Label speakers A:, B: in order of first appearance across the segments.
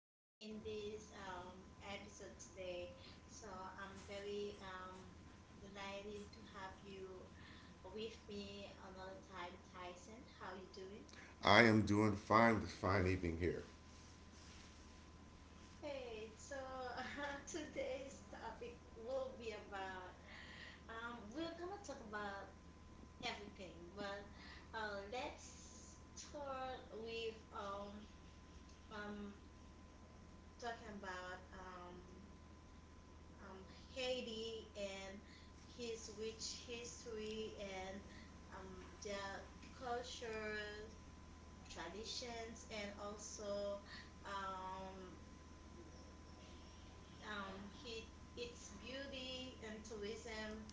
A: me in this episode today. So I'm very delighted to have you with me another time, Tyson. How you doing?
B: I am doing fine this fine evening here.
A: Hey, so today's topic will be about we're gonna talk about everything, but let's start with um, talking about um, Haiti and his rich history and um, their culture, traditions, and also um, um, he, its beauty and tourism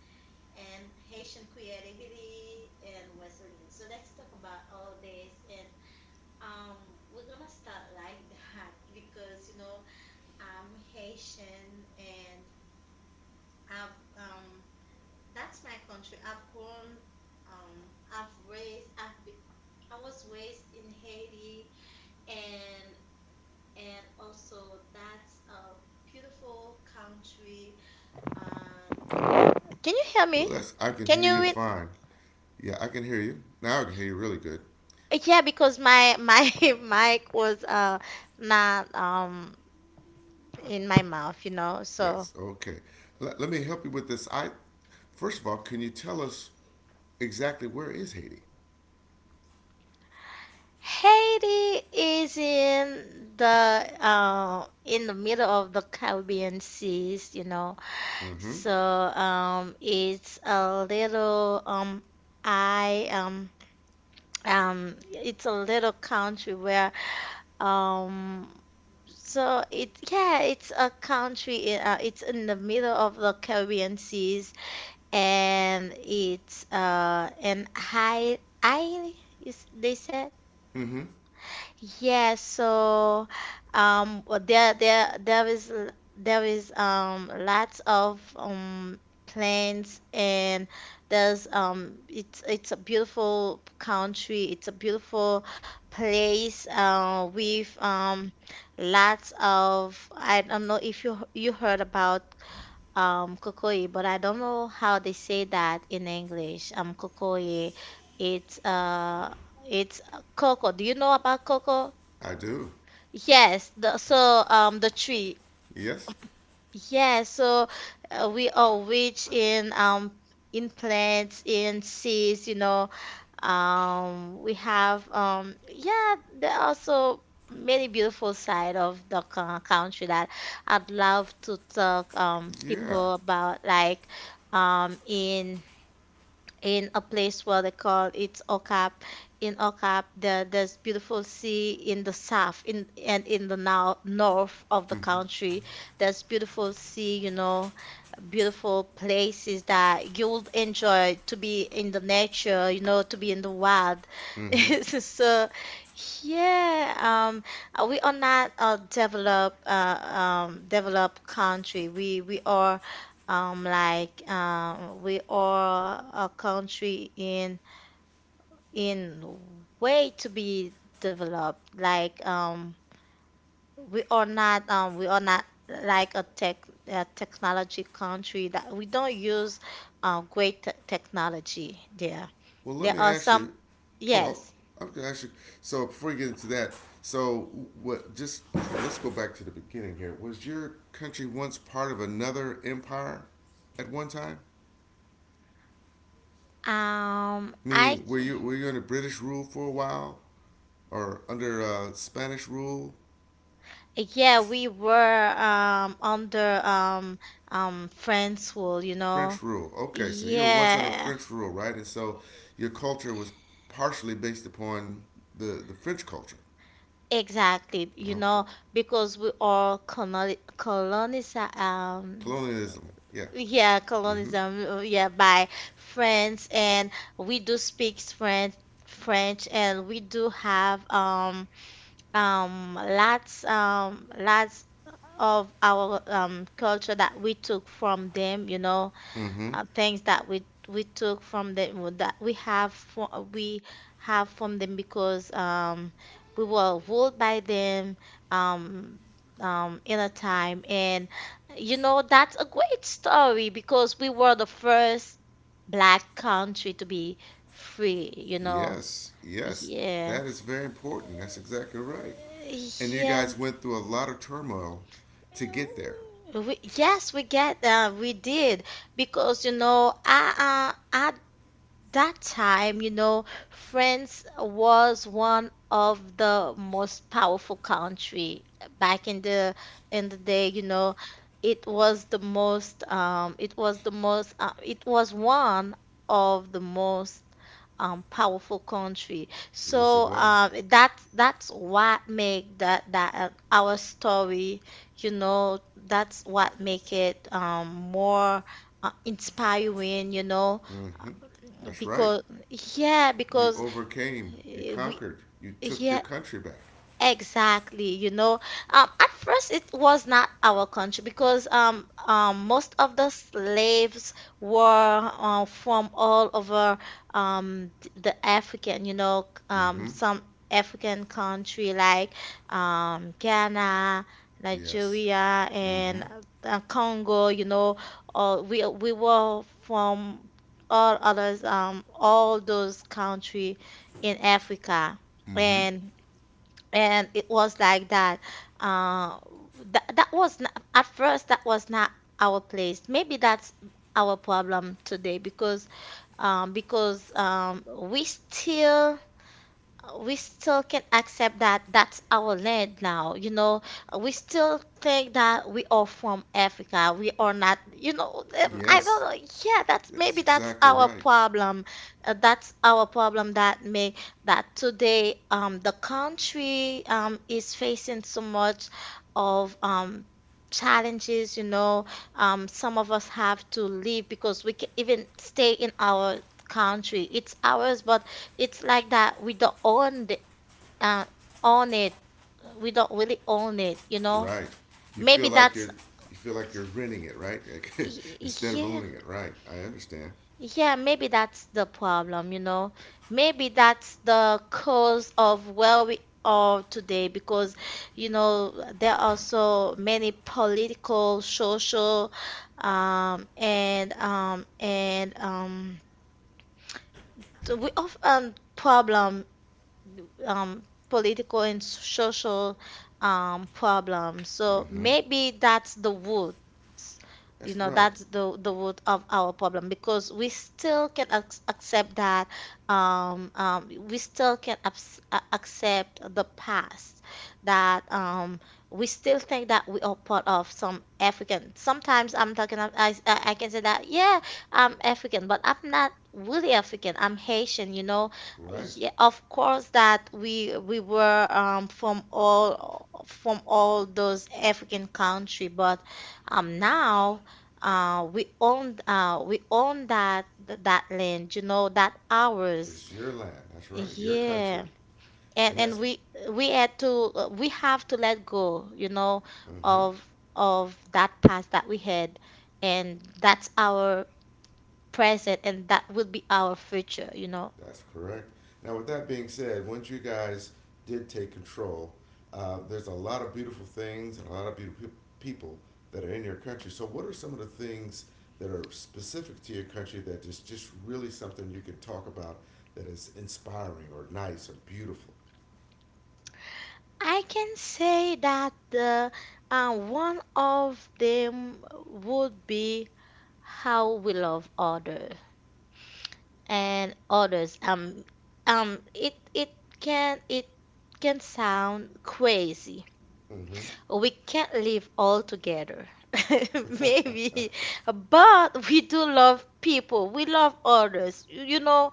A: and Haitian creativity and resilience. So let's talk about all this, and um, we're gonna start like that because you know I'm Haitian and I've that's my country. I've grown, um, I've raised, I've be, I was raised in Haiti, and and also that's a beautiful country. Um, Can you hear
B: Well,
A: me?
B: I can
A: Can
B: hear
A: you
B: you
A: read?
B: fine. Yeah, I can hear you. Now I can hear you really good.
A: Yeah, because my mic was not in my mouth, you know. So
B: That's okay. Let me help you with this. I First of all, can you tell us exactly where is Haiti?
A: Haiti is in the middle of the Caribbean seas, you know.
B: Mm-hmm.
A: So it's a little I it's a little country where um, so it's a country. It's in the middle of the Caribbean seas, and it's an high I is they said.
B: Mm-hmm.
A: Yes, so well, there there is there is lots of plants, and there's it's a beautiful country, it's a beautiful place with lots of... I don't know if you heard about Kokoye, but I don't know how they say that in English. Kokoye, it's uh it's cocoa. Do you know about cocoa?
B: I do.
A: Yes, the so the tree.
B: Yes.
A: Yes, so we are rich in plants, in seeds, you know. We have yeah, there are so many beautiful side of the country that I'd love to talk
B: Yeah.
A: people about, like um in in a place where they call it's Okap. In Okap, there's beautiful sea in the south in and in the now north of the country. There's beautiful sea, you know, beautiful places that you would enjoy, to be in the nature, you know, to be in the wild.
B: Mm-hmm.
A: So, yeah, um, we are not a developed, developed country. We are like we are a country in way to be developed, like we are not like a tech a technology country that we don't use great technology there.
B: Well, let
A: There
B: me
A: are
B: ask
A: some...
B: you. Oh,
A: yes,
B: I'm gonna ask you. So before we get into that, so what? Just let's go back to the beginning here. Was your country once part of another empire at one time?
A: um I
B: Meaning, were
A: c-
B: you were you under British rule for a while, or under Spanish rule,
A: yeah, we were under France rule, you know.
B: French rule? Okay, so you were once under
A: Yeah.
B: French rule, right? And so your culture was partially based upon the French culture.
A: Exactly, you
B: Okay,
A: know, because we all colonize
B: colonialism. Yeah.
A: yeah,
B: Mm-hmm.
A: colonism, yeah, by France, and we do speak French, and we do have lots lots of our culture that we took from them, you know,
B: Mm-hmm.
A: things that we took from them, that we have for, we have from them, because we were ruled by them um, in a time. And you know, that's a great story, because we were the first black country to be free, you know.
B: Yes, yes,
A: Yeah.
B: that is very important. That's exactly right. And you
A: Yeah,
B: guys went through a lot of turmoil to get there.
A: yes, we get, we did, because you know, I that time, you know, France was one of the most powerful country back in the day, you know. It was the most it was the most it was one of the most powerful country.
B: Yes, it
A: So
B: was.
A: that that's what make that our story, you know, that's what make it more inspiring, you know,
B: Hmm. That's right.
A: because... yeah,
B: You
A: because
B: overcame. You
A: we
B: conquered. You took your
A: yeah.
B: country back.
A: Exactly, you know. At first it was not our country, because most of the slaves were from all over the African, you know,
B: Hmm.
A: some African country like Ghana,
B: Yes.
A: Nigeria,
B: Hmm.
A: and Congo, you know. We were from all others, all those country in Africa.
B: Hmm.
A: And and it was like that uh that, that was not, at first that was not our place. Maybe that's our problem today, because we still can accept that that's our land now. You know, we still think that we are from Africa. We are not, you know. I don't
B: Yes.
A: know. Yeah, that's
B: That's
A: maybe that's
B: exactly
A: our
B: right.
A: problem. That's our problem, that make that today the country is facing so much of challenges, you know. Some of us have to leave because we can even stay in our country. It's ours, but it's like that we don't own the, uh, own it. We don't really own it, you know?
B: Right. You feel
A: Maybe
B: like you're
A: that's,
B: you feel like you're renting it, right?
A: y-
B: Instead of
A: yeah,
B: owning it, right? I understand.
A: yeah, maybe that's the problem, you know? Maybe that's the cause of where we are today, because, you know, there are so many political, social, um, and, um, and, um, so we often problem, um, political and social problems. So
B: Hmm.
A: maybe that's the root. You
B: That's
A: know,
B: right.
A: that's the root of our problem, because we still can accept that, we still can accept the past, that we still think that we are part of some African. Sometimes I'm talking of, I can say that yeah, I'm African, but I'm not really African. I'm Haitian, you know.
B: Right.
A: Yeah, of course that we were from all those African country, but now we own that that land, you know, that ours.
B: It's your land. That's right. Your country.
A: Yeah.
B: And
A: And
B: that's,
A: we had to we have to let go, you know,
B: mm-hmm.
A: of of that past that we had, and that's our present, and that will be our future, you know.
B: That's correct. Now, with that being said, once you guys did take control, there's a lot of beautiful things and a lot of beautiful people that are in your country. So, what are some of the things that are specific to your country that is just really something you can talk about that is inspiring or nice or beautiful?
A: I can say that the one of them would be how we love others and others. Um, it it it can sound crazy,
B: Mm-hmm.
A: we can't live all together. Maybe, but we do love people. We love others. You know,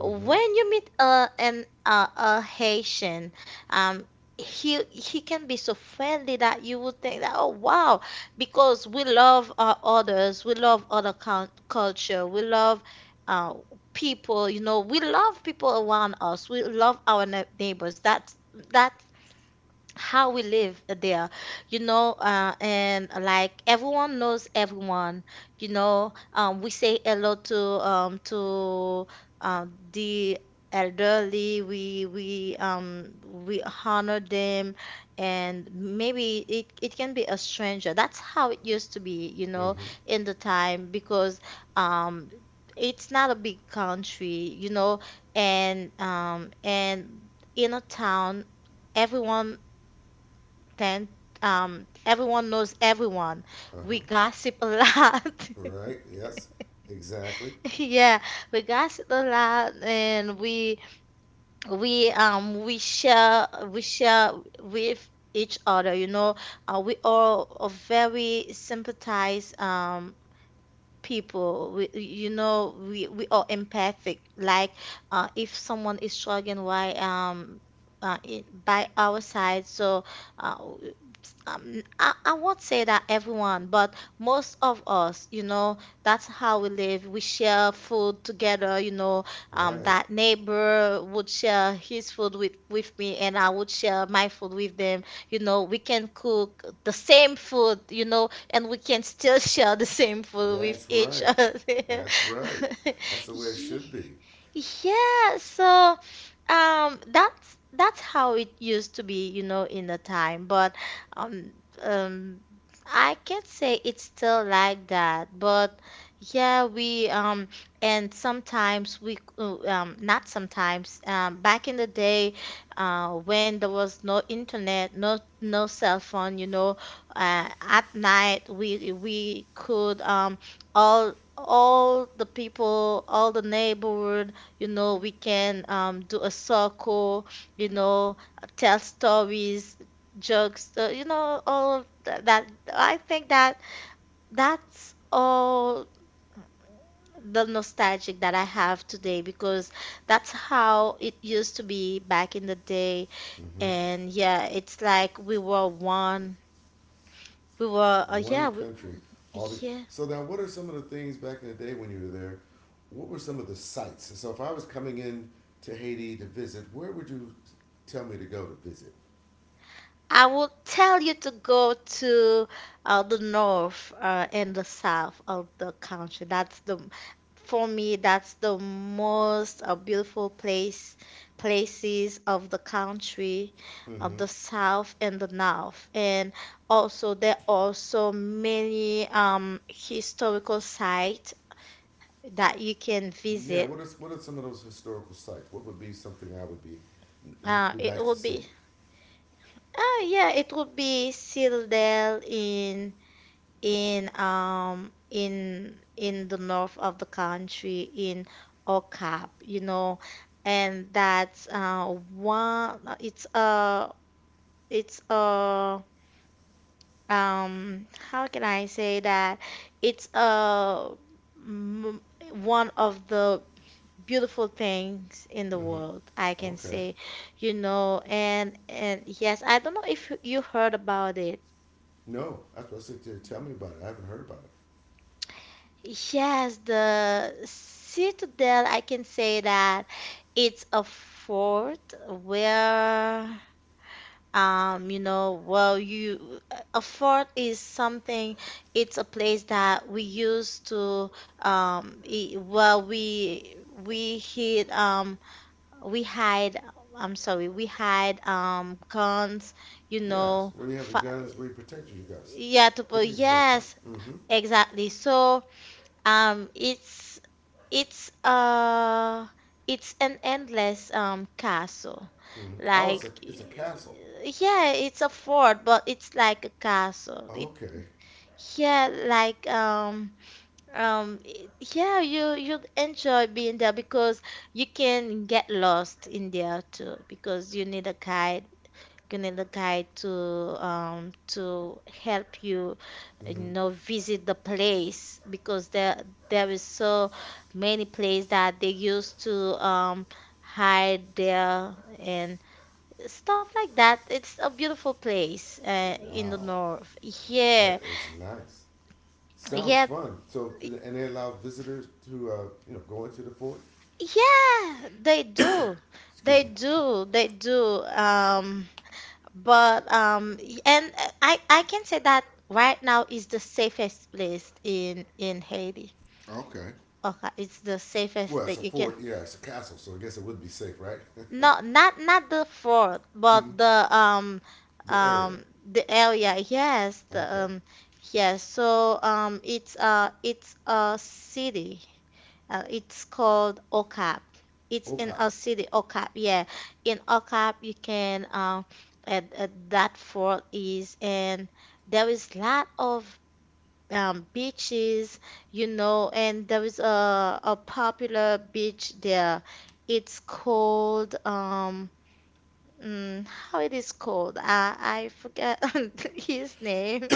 B: Mm-hmm.
A: when you meet a Haitian, um, he can be so friendly that you would think that, oh wow, because we love others. We love other culture. We love uh people. You know, we love people around us. We love our neighbors. That's that how we live there, you know, and like everyone knows everyone, you know. We say hello to the elderly. We honor them, and maybe it can be a stranger. That's how it used to be, you know,
B: Mm-hmm.
A: in the time, because um. it's not a big country, you know, and in a town everyone then everyone knows everyone. We
B: Uh-huh.
A: gossip a lot.
B: Right. Yes. Exactly.
A: Yeah, we gossip a lot, and we share with each other. You know, we all are very sympathize people. We, you know, we are empathic. Like if someone is struggling, why in, by our side, so uh, I won't say that everyone, but most of us, you know, that's how we live. We share food together, you know.
B: Right.
A: That neighbor would share his food with me, and I would share my food with them. You know, we can cook the same food, you know, and we can still share the same food with
B: That's
A: each
B: right.
A: other.
B: That's right. That's the way it
A: Yeah.
B: should be.
A: Yeah, so that's how it used to be, you know, in the time, but um um I can't say it's still like that, but yeah, we and sometimes we not sometimes back in the day, when there was no internet, no no cell phone, you know, at night we could all all the people, all the neighborhood, you know, we can do a circle, you know, tell stories, jokes, you know, all of that. I think that that's all the nostalgic that I have today, because that's how it used to be back in the day.
B: Mm-hmm.
A: And yeah, it's like we were one. We were,
B: One country. All the,
A: yeah.
B: so now, what are some of the things back in the day when you were there? What were some of the sites? So if I was coming in to Haiti to visit, where would you tell me to go to visit?
A: I will tell you to go to the north and the south of the country. That's the that's the most beautiful place, places of the country,
B: Mm-hmm.
A: of the south and the north. And also there are also many historical sites that you can
B: Yeah,
A: visit.
B: what are some of those historical sites? What would be something I would be it would
A: Uh,
B: be
A: it
B: nice to
A: would be,
B: see?
A: uh, yeah, it would be still in in the north of the country in Okap, you know, and that's one, it's a how can I say that? It's a m- one of the beautiful things in the
B: Mm-hmm.
A: world, I can
B: Okay.
A: say, you know. And yes, I don't know if you heard about it.
B: No, that's what I said. Tell me about it. I haven't heard about it.
A: Yes, the Citadel, I can say that it's a fort where, um, you know, well, you, a fort is something, it's a place that we used to, um, i well, we, we hid, um, we hide, I'm sorry, we hide, guns, you
B: Yes,
A: know,
B: where you have the
A: fi
B: guns, where you protect you guys,
A: yeah, to,
B: protect yourselves from.
A: yes,
B: Mm-hmm.
A: exactly. So, um, it's, it's it's an endless castle.
B: Mm-hmm. Oh,
A: Like
B: it's a it's
A: y-
B: a castle.
A: yeah, it's a fort, but it's like a castle. It
B: Okay.
A: yeah, like it- Yeah, you'd enjoy being there because you can get lost in there too because you need a guide gonna the guide to um to help you, you
B: Mm-hmm.
A: know, visit the place because there is so many places that they used to hide there and stuff like that. It's a beautiful place, in the
B: Wow,
A: north.
B: that
A: Yeah.
B: is nice. Sounds
A: Yeah.
B: fun. So,
A: Yeah,
B: and they allow visitors to go into the fort.
A: they do.
B: Excuse
A: They
B: me.
A: do. They do. But and I can say that right now is the safest place in Haiti.
B: Okay.
A: Okay, it's the safest
B: Well, it's
A: place
B: a
A: you can.
B: fort. Yeah, it's a castle. So I guess it would be safe, right?
A: No, not the fort,
B: Mm-hmm.
A: but the um
B: The area.
A: um the area. Yes, the
B: Okay.
A: yes. So it's it's a city. It's called OCAP. It's in
B: Okay.
A: a city, OCAP. Yeah, in OCAP you can, that fort is, and there is lot of beaches, you know, and there is a popular beach there. It's called. Mm, how it is called? I forget his name,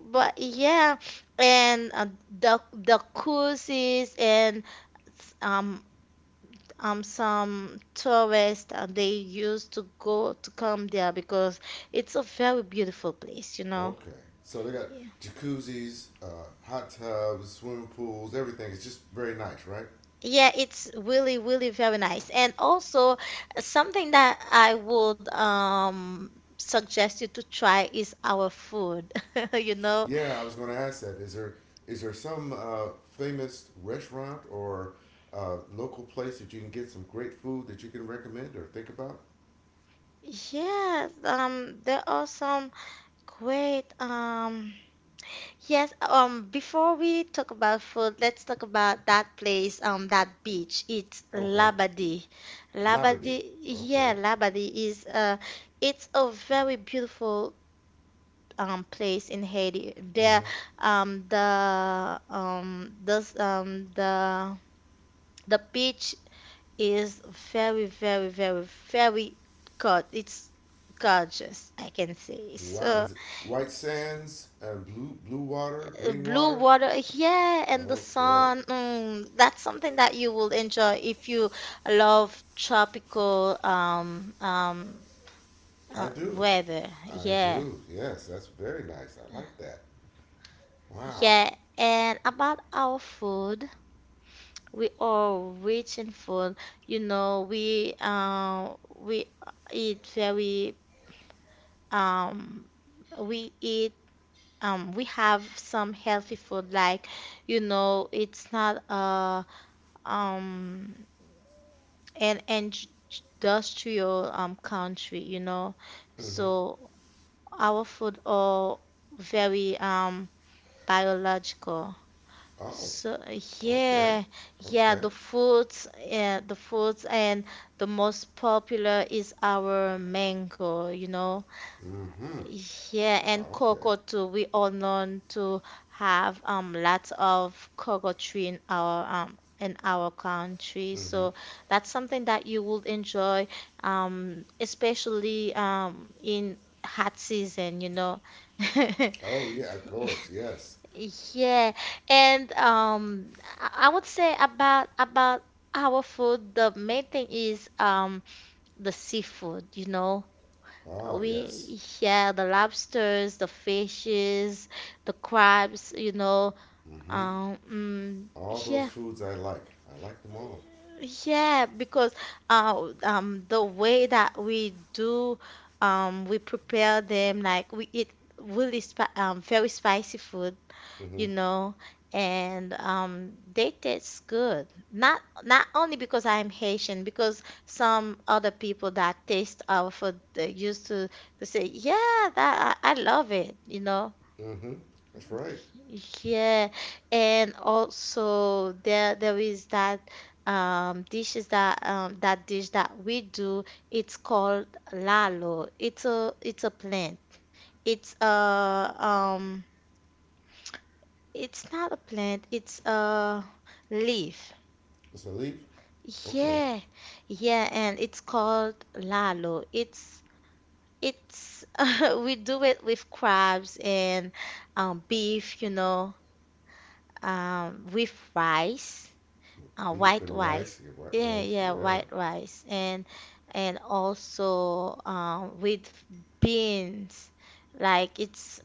A: but yeah. And the cruises and um some tourists, they used to go to come there because it's a very beautiful place, you know.
B: Okay. So they got
A: Yeah.
B: jacuzzis, hot tubs, swimming pools, everything. It's just very nice, right?
A: Yeah, it's really, really very nice. And also something that I would suggest you to try is our food. You know.
B: Yeah, I was going to ask that. Is there some famous restaurant or local place that you can get some great food that you can recommend or think about?
A: Yes, there are some great Yes, before we talk about food, let's talk about that place, that beach. It's
B: Okay,
A: Labadi.
B: Labadee.
A: Labadi,
B: Okay.
A: yeah, Labadi is it's a very beautiful place in Haiti. There
B: Mm-hmm.
A: the this The beach is very, very, very, very good. It's gorgeous, I can say.
B: Wow.
A: So,
B: White Sands and blue blue water, green
A: blue
B: water.
A: water, yeah, and the
B: Okay,
A: sun. Mm, that's something that you will enjoy if you love tropical,
B: I do.
A: weather.
B: I
A: Yeah,
B: do. Yes, that's very nice. I like that. Wow.
A: yeah. And about our food, we are rich in food. You know, we eat very um we eat we have some healthy food. Like, you know, it's not um and and j- j- industrial country, you know.
B: Mm-hmm.
A: So our food are very, biological.
B: Oh.
A: So
B: Okay.
A: yeah, yeah,
B: Okay.
A: the fruits, yeah, the fruits, and the most popular is our mango, you know.
B: Mm-hmm.
A: Yeah, and
B: Okay.
A: cocoa too. We all known to have lots of cocoa tree in our country.
B: Mm-hmm.
A: So that's something that you will enjoy, especially in hot season, you know.
B: Oh yeah, of course, yes.
A: Yeah, and I would say about our food, the main thing is the seafood, you know.
B: Oh yes.
A: We yeah The lobsters, the fishes, the crabs, you know.
B: Mm-hmm.
A: um mm,
B: All those
A: yeah,
B: foods I like. I like them all.
A: yeah, because the way that we do, we prepare them, like, we eat really very spicy food,
B: Mm-hmm.
A: you know, and they taste good. Not, not only because I'm Haitian, because some other people that taste our food they used to say, yeah, that I love it, you know.
B: Mm-hmm. That's right.
A: Yeah, and also there is that, dishes that, that dish that we do. It's called lalo. It's a plant. It's a — it's not a plant, it's a leaf.
B: It's a leaf. Okay.
A: Yeah, yeah, and it's called lalo. It's We do it with crabs and, beef, you know, with rice,
B: Beef
A: white
B: and rice.
A: rice.
B: Yeah, white
A: Yeah,
B: rice.
A: yeah,
B: Yeah.
A: white rice, and also, with beans. Like,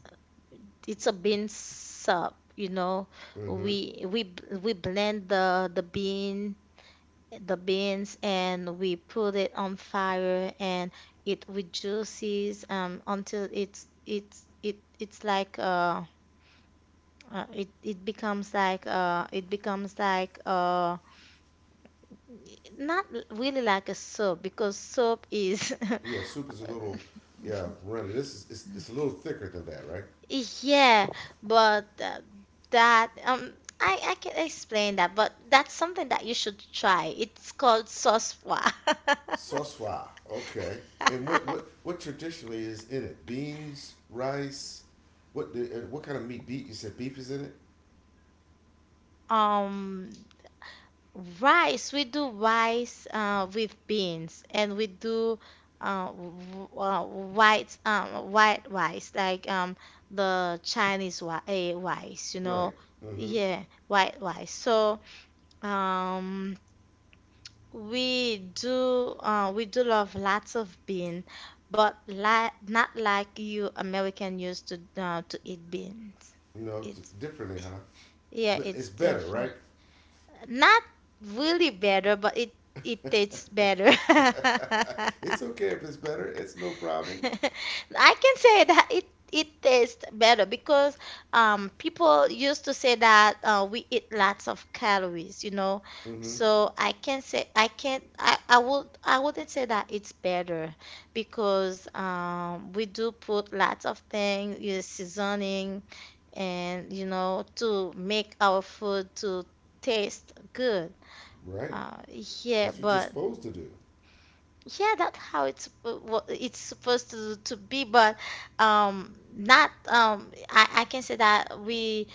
A: it's a bean soup, you know.
B: Mm-hmm.
A: We blend the beans and we put it on fire, and it reduces, until it's it it's like it it becomes like it becomes like, not really like a soap, because soap is
B: Yeah, soup is a little. Yeah, runny. It's a little thicker than that, right?
A: Yeah, but that I can explain that, but that's something that you should try. It's called soswa.
B: Soswa. Okay. And what what what traditionally is in it? Beans, rice. What kind of meat? Beef. You said beef is in it,
A: Um rice, we do rice, with beans, and we do white, white rice, like, the Chinese rice, you
B: right?
A: know.
B: Mm-hmm.
A: Yeah, white rice. So, um we do, we do love lots of bean, but li not like you American used to eat beans.
B: No,
A: It's,
B: differently, huh?
A: yeah,
B: But it's
A: it's
B: better,
A: different.
B: right?
A: Not really better, but it tastes better.
B: It's okay if it's better. It's no problem.
A: I can say that it tastes better because, people used to say that, we eat lots of calories, you know.
B: Mm-hmm.
A: So I can say I can't I would I wouldn't say that it's better because, we do put lots of things, you know, seasoning, and, you know, to make our food to taste good.
B: Right.
A: Uh yeah,
B: That's what you're
A: but
B: supposed to do.
A: yeah, that's how it's, what it's supposed to be, but, not I can say that we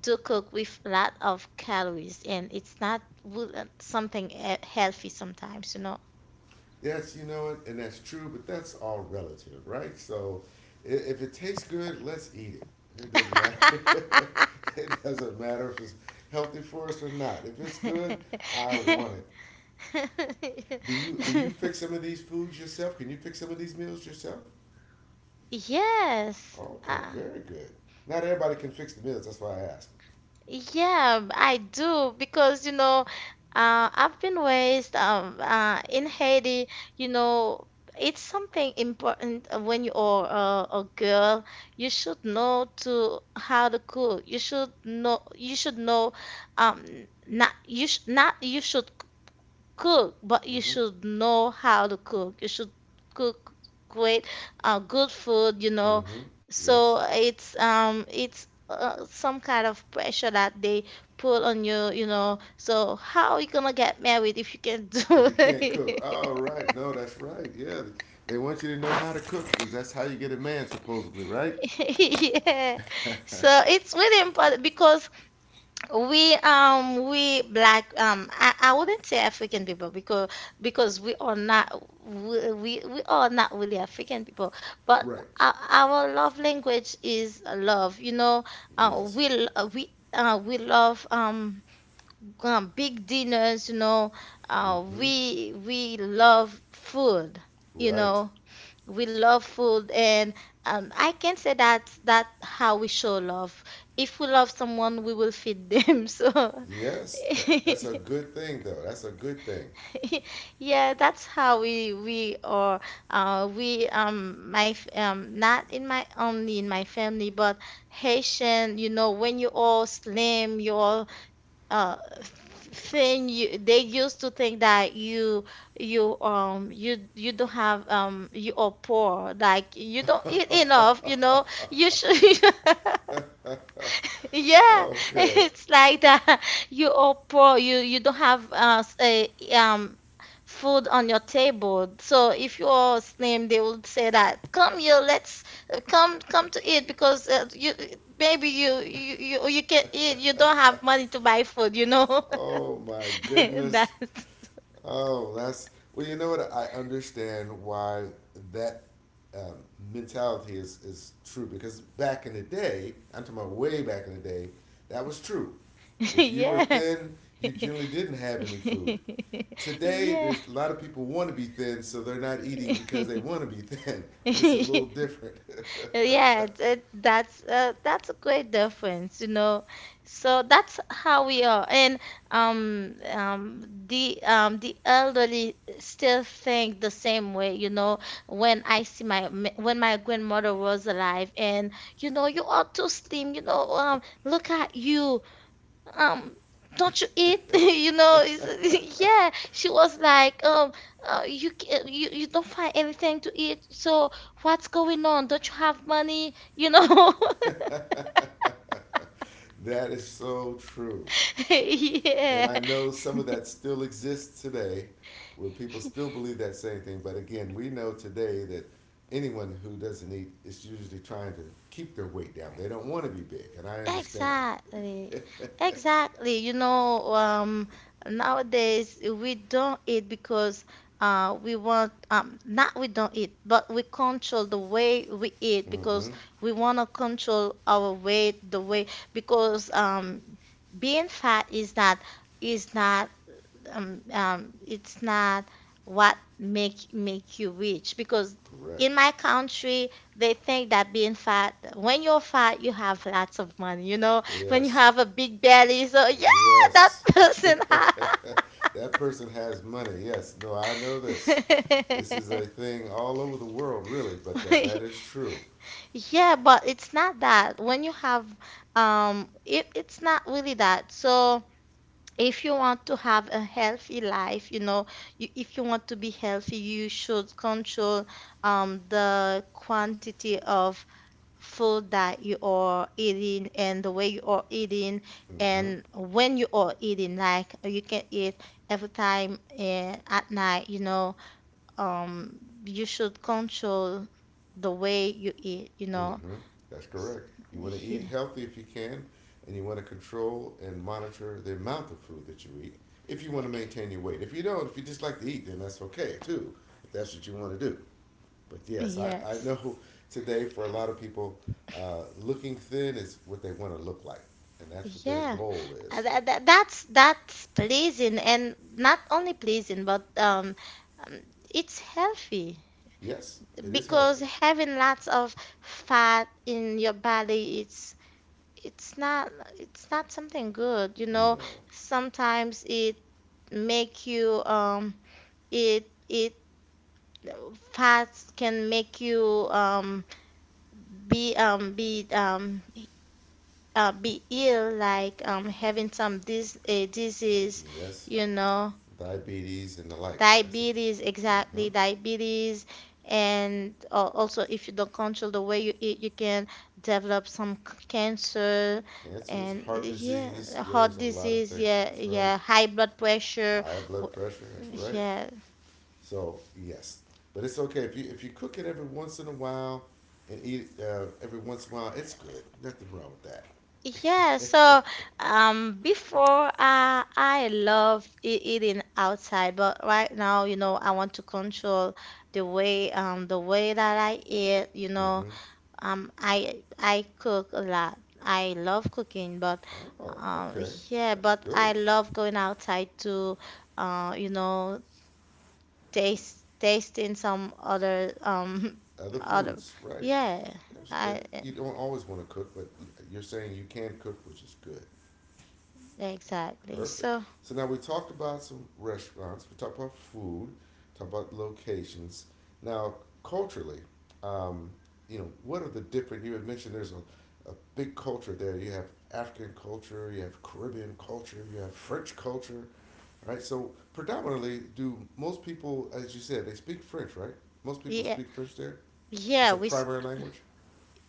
A: do cook with a lot of calories, and it's not, something, healthy sometimes, you know.
B: And that's true, but that's all relative, right? So if it tastes good, let's eat it. It doesn't matter. It doesn't matter if it's healthy for us or not. If it's good, I want it. Do you fix some of these foods yourself? Can you fix some of these meals yourself?
A: Yes,
B: Okay,
A: uh,
B: very good. Not everybody can fix the meals. That's why I asked.
A: yeah, I do because, you know, I've been raised, in Haiti. You know, it's something important, when you are a girl. You should know to how to cook. You should know. You should know. Um, not you should cook, but you
B: Mm-hmm.
A: should know how to cook. You should cook great, good food, you know.
B: Mm-hmm. Yes.
A: So it's, some kind of pressure that they put on you, you know. So how you gonna get married if you can do
B: If you can't cook,
A: it?
B: all right. No, that's right. Yeah, they want you to know how to cook because that's how you get a man, supposedly, right?
A: Yeah. So it's really important because, we black, I wouldn't say African people, because — because we are not we we are not really African people, but
B: Right.
A: our love language is love, you know.
B: Yes.
A: We l- we We love, big dinners, you know.
B: Mm-hmm.
A: We love food. You
B: Right.
A: know, we love food, and, I can say that, that how we show love: if we love someone, we will feed them. So
B: Yes. That's a good thing, though. That's a good thing.
A: yeah, that's how we are. Not in my only in my family, but Haitian, you know, when you all slim, you all, uh thing you they used to think that you, you don't have, you are poor, like, you don't eat enough, you know, you should yeah
B: Okay.
A: it's like that. You are poor, you don't have, a, um food on your table. So if you are slim, they will say that, come here, let's, come to eat, because, you, maybe you can eat, you don't have money to buy food, you know.
B: Oh my goodness.
A: That's
B: Oh, that's well. You know what? I understand why that um, mentality is true because back in the day, I'm talking about way back in the day, that was true. If you were
A: yeah.
B: thin, you generally didn't have any food. Today,
A: Yeah.
B: there's a lot of people want to be thin, so they're not eating because they want to be thin. It's a little different.
A: Yeah, that, that's, that's a great difference, you know. So that's how we are. And, the elderly still think the same way, you know. When I see when my grandmother was alive, and, you know, you are too slim, you know, um, look at you. Um, don't you eat? You know, it's-
B: That
A: yeah, she was like, you, you you don't find anything to eat, so what's going on, don't you have money, you know?
B: is so true. And
A: Yeah.
B: I know some of that still exists today, where people still believe that same thing. But again, we know today that anyone who doesn't eat is usually trying to keep their weight down. They don't want to be big, and I understand.
A: Exactly. Exactly. You know, nowadays we don't eat because, we want, not we don't eat, but we control the way we eat, because
B: Mm-hmm.
A: we want to control our weight, the way, because, being fat is not — is not it's not what make you rich, because in
B: Correct.
A: my country they think that being fat, when you're fat you have lots of money, you know, when you
B: Yes.
A: have a big belly. So yeah, that
B: Yes.
A: person
B: That person has money. Yes. No, I know this. This is a thing all over the world, really, but that,
A: have
B: that is true.
A: yeah. But it's not that. When you have, it, it's not really that. So if you want to have a healthy life, you know, if you want to be healthy, you should control, the quantity of food that you are eating, and the way you are eating,
B: Mm-hmm.
A: and when you are eating. Like, you can eat every time, at night, you know. Um, you should control the way you eat, you know.
B: Mm-hmm. That's
A: S-
B: correct. You want to eat
A: yeah.
B: healthy if you can, and you want to control and monitor the amount of food that you eat if you want to maintain your weight. If you don't, if you just like to eat, then that's okay too, if that's what you want to do. But yes, I
A: Yes.
B: know today for a lot of people, looking thin is what they want to look like, and that's what their
A: Yeah,
B: goal is.
A: That's pleasing, and not only pleasing, but, um, it's healthy,
B: Yes, it is
A: because
B: healthy.
A: having lots of fat in your body, it's, it's not something good. You know,
B: No.
A: sometimes it make you it it fats can make you, be, be ill, like, having some, disease,
B: Yes,
A: you know,
B: diabetes and the like.
A: diabetes,
B: Mhm.
A: exactly, diabetes. And Also, if you don't control the way you eat, you can develop some cancer
B: Cancers,
A: and
B: heart disease.
A: yeah,
B: Yeah, there's
A: heart
B: a lot of
A: disease,
B: things.
A: yeah,
B: That's right.
A: yeah, high blood pressure,
B: High blood pressure. That's right.
A: yeah.
B: So yes, but it's okay if you cook it every once in a while and eat it, every once in a while. It's good. Nothing wrong with
A: Yeah,
B: that.
A: so before I love eating outside, but right now, you know, I want to control the way the way that I eat. You know,
B: Mm-hmm.
A: I cook a lot. I love cooking, but
B: Oh,
A: um,
B: okay.
A: yeah,
B: That's
A: but
B: good.
A: I love going outside to, you know, taste tasting some other
B: Other
A: other.
B: foods, right?
A: Yeah, I
B: You don't always want to cook, but you're saying you can cook, which is good.
A: exactly.
B: Perfect.
A: So
B: So now we talked about some restaurants. We talked about food. Talked about locations. Now culturally, um, what are the different? You had mentioned there's a big culture there. You have African culture. You have Caribbean culture. You have French culture. Right. So predominantly, do most people, as you said, they speak French, right? Most people
A: yeah.
B: speak French there. It's a
A: Yeah, we
B: primary language.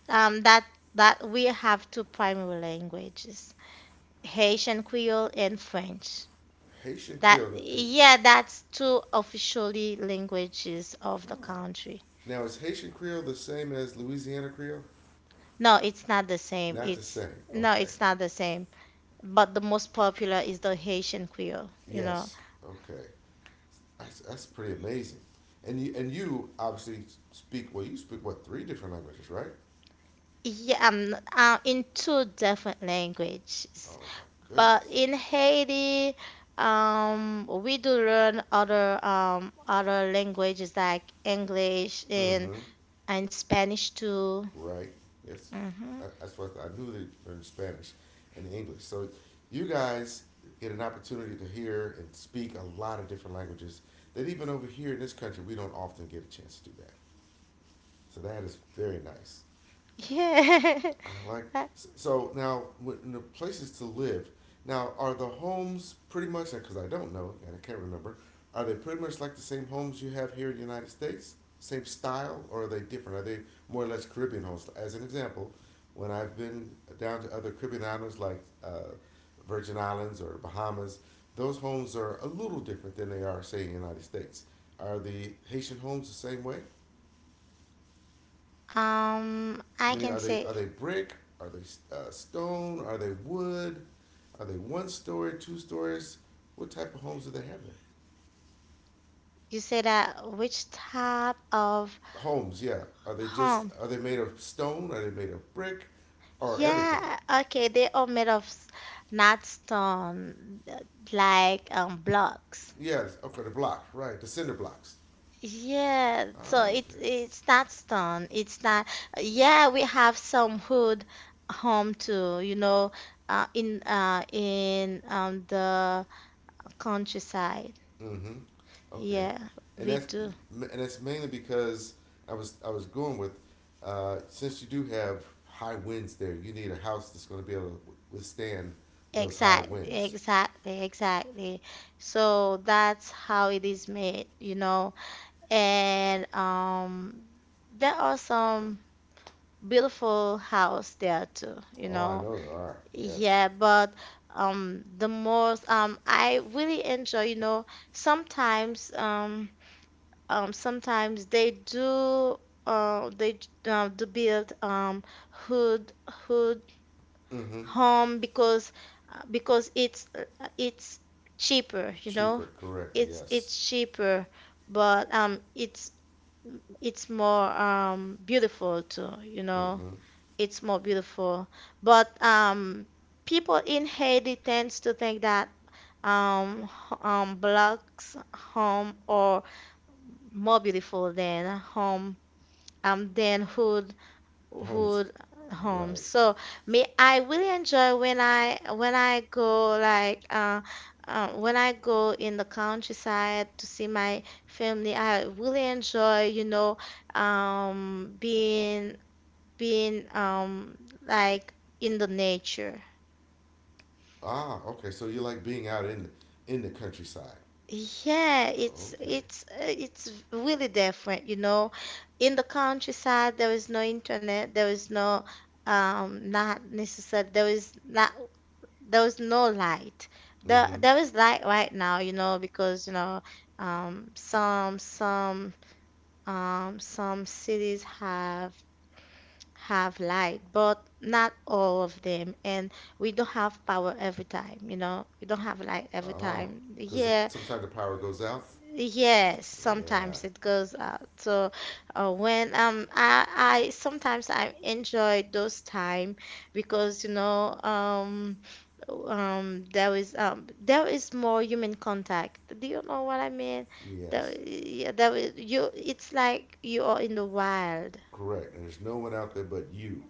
A: um, that that we have two primary languages, Haitian Creole and French.
B: Haitian
A: That
B: Creole is.
A: yeah, that's two officially languages of the
B: Oh.
A: country.
B: Now is Haitian Creole the same as Louisiana Creole?
A: No, it's not the same.
B: Not the
A: It's
B: same.
A: no,
B: Okay.
A: it's not the same. But the most popular is the Haitian Creole, you know.
B: Yes. Okay. That's pretty amazing. And you obviously speak well. You speak what three different languages, right?
A: Yeah, in two different languages.
B: Oh my
A: But
B: goodness.
A: in Haiti, we do learn other languages like English and
B: Mm-hmm.
A: And Spanish too.
B: Right. Yes.
A: Hmm.
B: That's what I knew they learned Spanish and English. So you guys get an opportunity to hear and speak a lot of different languages that even over here in this country we don't often get a chance to do that. So that is very nice.
A: Yeah.
B: I like. So now when the places to live. Now are the homes pretty much because I don't know and I can't remember. Are they pretty much like the same homes you have here in the United States? Same style, or are they different? Are they more or less Caribbean homes? As an example, when I've been down to other Caribbean islands like Virgin Islands or Bahamas, those homes are a little different than they are, say, in the United States. Are the Haitian homes the same way?
A: I
B: Meaning,
A: can
B: are they
A: say
B: are they brick? Are they stone? Are they wood? Are they one story, two stories? What type of homes do they have there?
A: you said that which type of
B: Homes, yeah. Are they just
A: home?
B: are they made of stone? Are they made of brick, or everything?
A: Yeah, okay, they are made of not stone, like blocks.
B: Yes. Okay, the block, right? The cinder blocks.
A: Yeah, so
B: Ah,
A: it's
B: okay.
A: it's not stone. It's not. Yeah, we have some hood home too, you know, in the countryside.
B: Mm-hmm. Okay.
A: Yeah,
B: And
A: we
B: that's
A: do.
B: and that's mainly because I was going with since you do have high winds there, you need a house that's going to be able to withstand those high
A: Exactly,
B: winds.
A: exactly, exactly. So that's how it is made, you know. And there are some beautiful house there too, you
B: Oh, I
A: know.
B: know there are. Yes.
A: Yeah, but the most I really enjoy, you know, sometimes um sometimes they do build hood
B: Mm-hmm.
A: home because because it's cheaper, you know.
B: Cheaper, correct.
A: It's
B: Yes.
A: it's cheaper, but it's more beautiful too, you know.
B: Mm-hmm.
A: It's more beautiful. But people in Haiti tends to think that blocks home are more beautiful than home than hood
B: Homes.
A: would home.
B: Right.
A: So me, I really enjoy when I go like when I go in the countryside to see my family. I really enjoy, you know, um, being being like in the nature.
B: Ah, okay. So you like being out in the countryside.
A: Yeah,
B: Okay.
A: it's really different, you know. In the countryside, there is no internet, there is no, not necessary, there is not. There was no light. There,
B: Mm-hmm.
A: there is light right now, you know, because you know, um, some some some cities have light, but not all of them, and we don't have power every time, you know. We don't have light every
B: Oh,
A: time.
B: because
A: Yeah.
B: sometimes the power goes out.
A: Yes,
B: Yeah.
A: sometimes it goes out. So when I sometimes I enjoy those time because you know there is more human contact. Do you know what I mean? There,
B: Yes.
A: yeah, there is, you it's like you are in the wild.
B: Correct. And there's no one out there but you.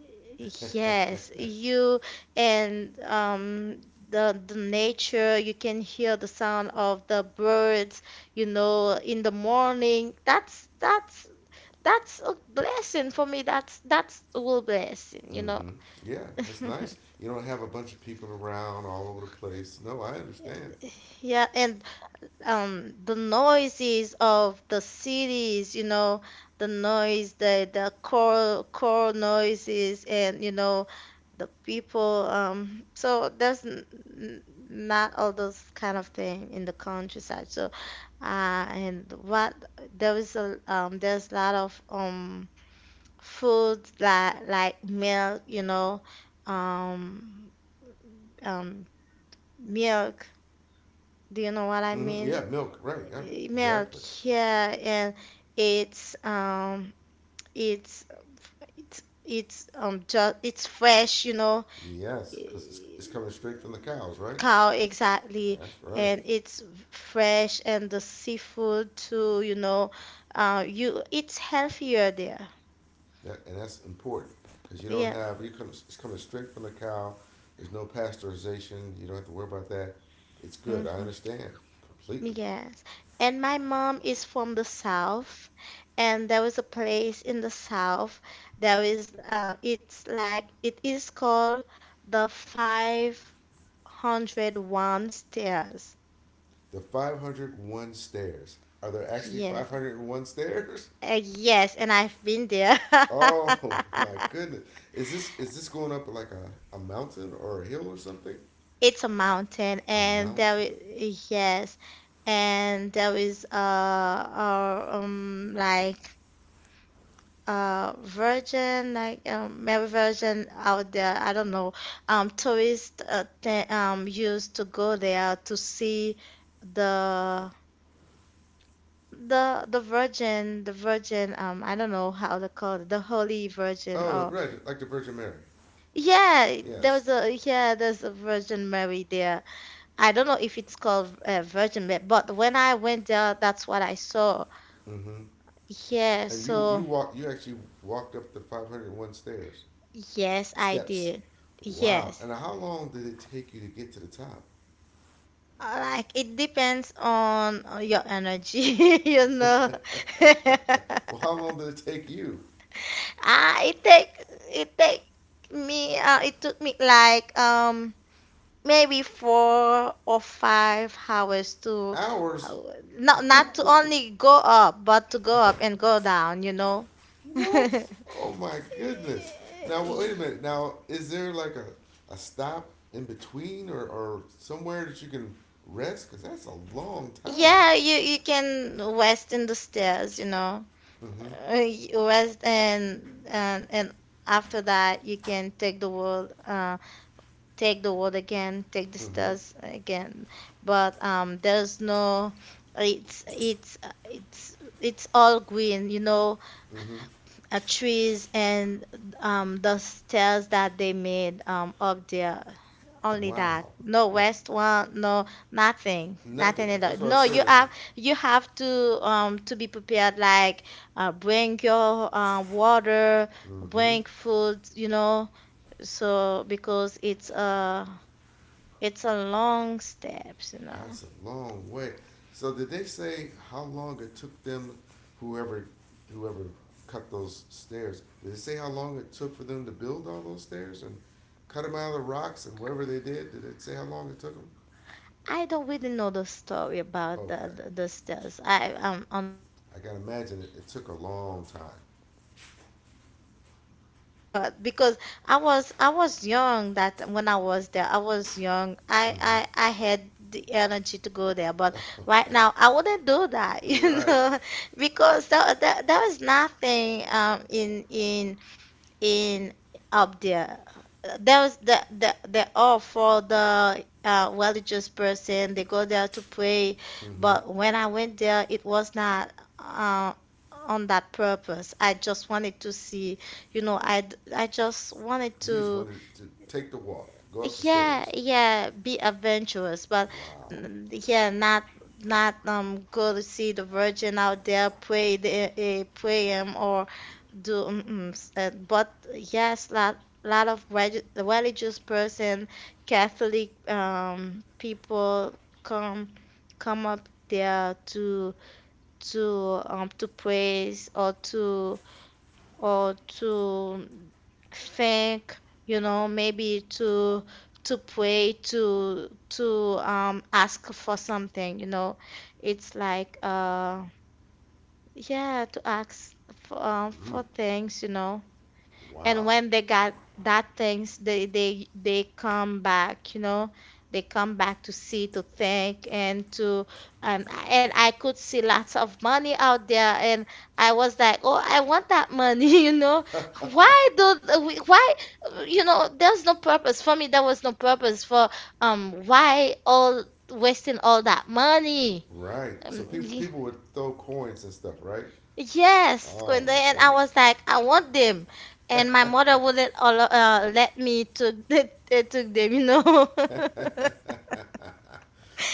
A: Yes, you and the nature, you can hear the sound of the birds, you know, in the morning. That's that's a blessing for me. That's a real blessing, you know.
B: Mm-hmm. Yeah, that's nice. You don't have a bunch of people around all over the place. No, I understand.
A: Yeah, and the noises of the cities you know the noise the core core noises and you know the people so n- not all those kind of thing in the countryside so uh and what there is a lot of foods that like milk you know um um milk do you know what I
B: Hmm.
A: mean?
B: Yeah, milk. Right. Yeah.
A: Milk,
B: Exactly.
A: yeah, and it's um it's it's just it's fresh, you know.
B: Yes, because it's
A: eh,
B: coming straight from the cows, right?
A: Cow exactly,
B: That's right.
A: and it's fresh and the seafood too, you know, you it's healthier there.
B: And that's important because you don't
A: Yeah.
B: have you come it's coming straight from the cow. There's no pasteurization. You don't have to worry about that. It's good. I
A: Mm-hmm.
B: understand completely.
A: Yes. And my mom is from the south, and there was a place in the south. There is it's like it is called the 501 stairs.
B: The 501 stairs. Are there actually
A: Yes.
B: 501 stairs?
A: Yes, and I've been there.
B: Oh my goodness. Is this going up like a mountain or a hill or something?
A: It's a mountain
B: A
A: and there
B: mountain.
A: is yes, and there is like Virgin, like Mary Virgin out there. I don't know. Tourists th used to go there to see the the Virgin, the Virgin. I don't know how they call it, the Holy Virgin.
B: Oh,
A: Or
B: right, like the Virgin Mary.
A: yeah, there
B: Yes.
A: was a yeah, there's a Virgin Mary there. I don't know if it's called Virgin Mary, but when I went there, that's what I saw.
B: Mm-hmm.
A: Yeah,
B: And you
A: so
B: walk you actually walked up the 501 stairs
A: yes, I
B: steps.
A: did.
B: Wow.
A: Yes.
B: And how long did it take you to get to the top?
A: Like it depends on your energy, you know.
B: Well, how long did it take you?
A: Ah, it take me it took me like maybe 4 or 5 hours to uh,
B: Hours.
A: not not to
B: Ooh,
A: only go up but to go up and go down, you know.
B: what? Oh my goodness. Now wait a minute. Now is there like a stop in between or somewhere that you can rest? Because that's a long time.
A: Yeah, you can rest in the stairs, you know.
B: Mm-hmm.
A: You rest and after that you can take the world again take the
B: Mm-hmm.
A: stars again but there's no it's it's all green you know
B: Mm-hmm.
A: trees and the stairs that they made up there. Only that.
B: Wow.
A: No
B: N-
A: west one, no nothing,
B: nothing.
A: nothing at all.
B: That's what I
A: No,
B: said. It's a,
A: you have to be prepared. Like bring your water,
B: mm-hmm.
A: bring food, you know. So because it's a long steps, you know.
B: That's a long way. So did they say how long it took them, whoever, whoever cut those stairs? Did they say how long it took for them to build all those stairs and cut them out of the rocks and whatever they did? Did it say how long it took them?
A: I don't really know the story about the
B: Okay,
A: the, the stairs. I
B: I
A: unfortunately
B: gotta
A: I never
B: imagine it took a
A: ask
B: long
A: about it.
B: time.
A: But um, but because I was young that when I was there I was young I had the energy to go there but right
B: Mm-hmm.
A: now I wouldn't do that you
B: Right.
A: know because there is nothing in in up there. There was the all for the religious person. They go there to pray,
B: Mm-hmm.
A: but when I went there, it was not uh, on that purpose. I just wanted to see, you know, I just wanted
B: You just
A: to,
B: wanted to take the walk, go up the
A: yeah,
B: stairs.
A: yeah, be adventurous, but
B: Wow.
A: mm, yeah, not not go to see the Virgin out there pray the, pray 'em or do mm-ms, and but yes lot religious person catholic people come come up there to praise or to think you know maybe to pray to ask for something you know it's like yeah to ask
B: Mm.
A: for things you know and
B: Wow.
A: when they got that things they come back you know they come back to see to think and to um and I could see lots of money out there and I was like oh I want that money you know why do we why you know there's no purpose for me there was no purpose for why all wasting all that money.
B: Right. So
A: Um,
B: people people would throw coins and stuff, right?
A: Yes,
B: Oh
A: Kunde,
B: my
A: and I
B: goodness.
A: was like, I want them, and my mother wouldn't allow, let me took the, took them, you know.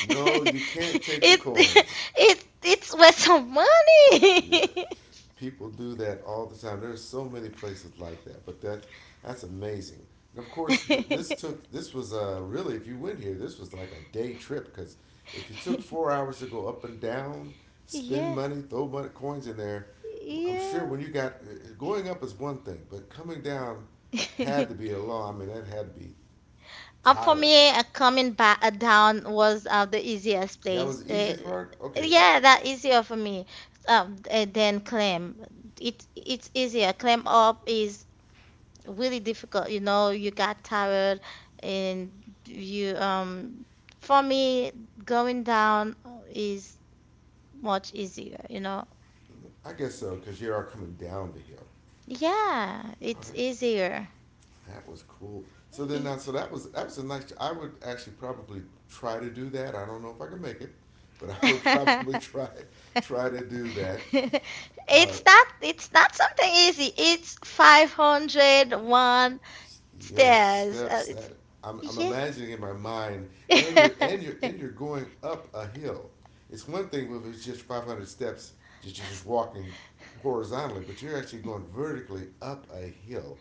B: No, you can't
A: It
B: take the coins.
A: it's worth some
B: Yes.
A: money.
B: People do that all the time. There's so many places like that, but that's amazing. And of course, this took this was really if you went here, this was like a day trip because if you took 4 hours to go up and down, spend
A: Yeah,
B: money, throw money, coins in there, I'm sure
A: yeah.
B: when you got going up is one thing, but coming down had to be a long. I mean, that had to be
A: For
B: tiring.
A: me, coming back down was the easiest
B: That
A: place.
B: was the easiest part. Okay,
A: Yeah, that easier for me. Than climb. It's easier. Climb up is really difficult. You know, you got tired and you for me going down is much easier, you know.
B: I guess so, because you are coming down the hill.
A: Yeah,
B: Oh,
A: it's
B: that
A: easier.
B: that was cool. So then,
A: E-
B: so that was a nice. I would actually probably try to do that. I don't know if I can make it, but I would probably try to do that. Uh,
A: It's not something easy. It's 501
B: Yes,
A: stairs.
B: steps
A: It's
B: that I'm imagining in my mind, and
A: yeah.
B: you're going up a hill. It's one thing if it's just 500 steps, just you're just walking horizontally, but you're actually going vertically up a hill.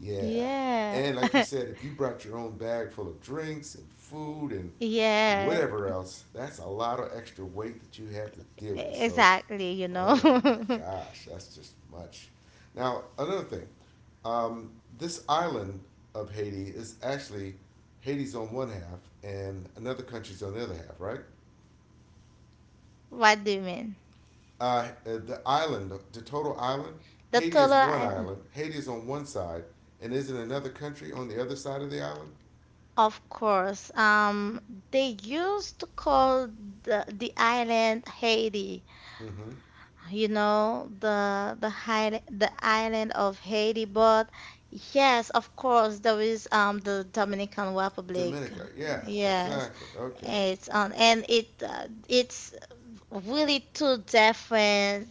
B: Yeah,
A: Yeah.
B: and like you said, if you brought your own bag full of drinks and food and
A: Yeah,
B: whatever else, that's a lot of extra weight that you have to deal with. So
A: exactly, you
B: oh my
A: know.
B: gosh, that's just much. Now, another thing, um, this island of Haiti is actually Haiti's on one half and another country's on the other half, right?
A: What do you mean?
B: The island, the total island,
A: The
B: Haiti is
A: taller
B: one
A: I
B: island. Haiti is on one side, and isn't another country on the other side of the island?
A: Of course, they used to call the island Haiti,
B: Mm-hmm.
A: you know, the high, the island of Haiti. But yes, of course, there is the Dominican Republic.
B: Dominica, yeah,
A: Yes,
B: exactly. Okay.
A: it's on and it's really two different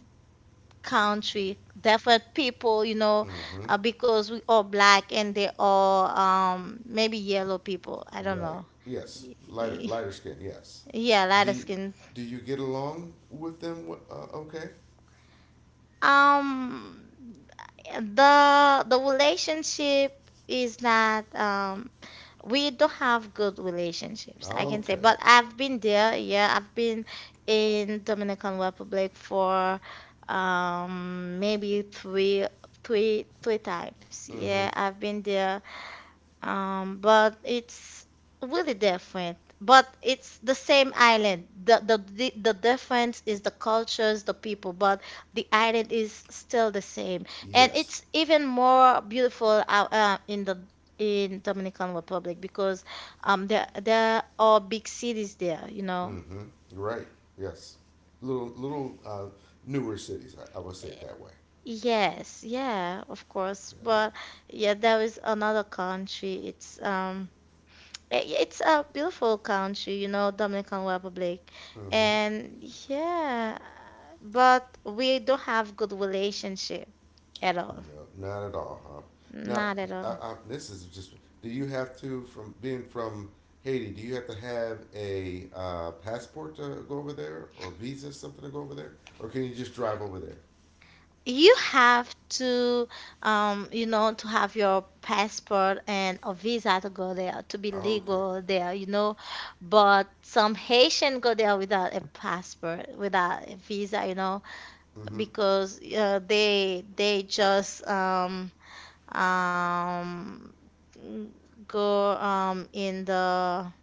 A: country, different people, you know,
B: Mm-hmm.
A: because we all black and they all maybe yellow people. I don't
B: Right.
A: know.
B: Yes. Lighter skin. Yes.
A: Yeah,
B: Do
A: lighter
B: you,
A: skin.
B: do you get along with them? Okay.
A: Um, the relationship is not we don't have good relationships, I can say.
B: Okay.
A: But I've been there, yeah, I've been in Dominican Republic for maybe three times. Yeah,
B: Mm-hmm.
A: I've been there. But it's really different. But it's the same island. The difference is the cultures, the people, but the island is still the same. And
B: Yes.
A: it's even more beautiful out in Dominican Republic because there are big cities there, you know.
B: Mm-hmm. Right. Yes. Little newer cities. I would say it that way.
A: Yes, yeah, of course.
B: Okay.
A: But yeah, there is another country. It's it's a beautiful country, you know, Dominican Republic.
B: Mm-hmm.
A: And yeah, but we don't have good relationship at all.
B: No, not at all, huh? Now,
A: Not at all.
B: this is just. Do you have to from being from Haiti? Do you have to have a passport to go over there, or visa, something to go over there, or can you just drive over there?
A: You have to, you know, to have your passport and a visa to go there, to be
B: Oh, okay.
A: legal there, you know. But some Haitian go there without a passport, without a visa, you know,
B: Mm-hmm.
A: because they just um n- go in the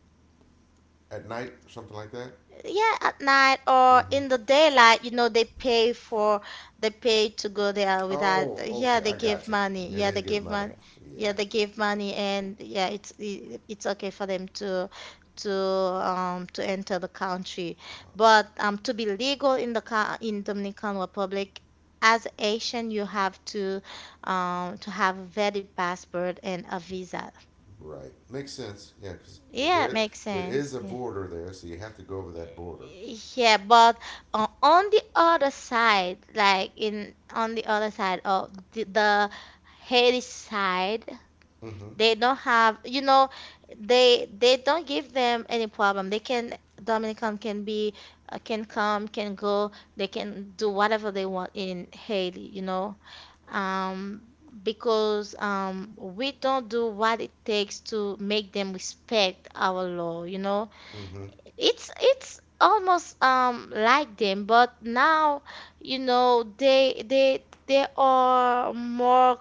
B: At night, something like that.
A: yeah at night or
B: Mm-hmm.
A: in the daylight you know they pay for they pay to go there without
B: Oh,
A: yeah
B: okay.
A: they
B: I
A: give
B: got you.
A: money
B: Yeah,
A: yeah
B: they
A: they
B: give
A: give
B: money.
A: money yeah
B: Yeah.
A: they give money and yeah it's okay for them to enter the country
B: Um,
A: but to be legal in in Dominican Republic as Asian you have to have a valid passport and a visa.
B: right. Makes sense. Yeah, because
A: Yeah,
B: there
A: it
B: is,
A: makes
B: there
A: sense.
B: is a
A: Yeah.
B: border there, so you have to go over that border.
A: Yeah, but on the other side, like in on the other side of the Hades side,
B: Mm-hmm.
A: they don't have. They don't give them any problem. They can Dominican can be, can come, can go, they can do whatever they want in Haiti, you know. Um, because we don't do what it takes to make them respect our law, you know
B: Mm-hmm.
A: it's almost like them. But now, you know, they are more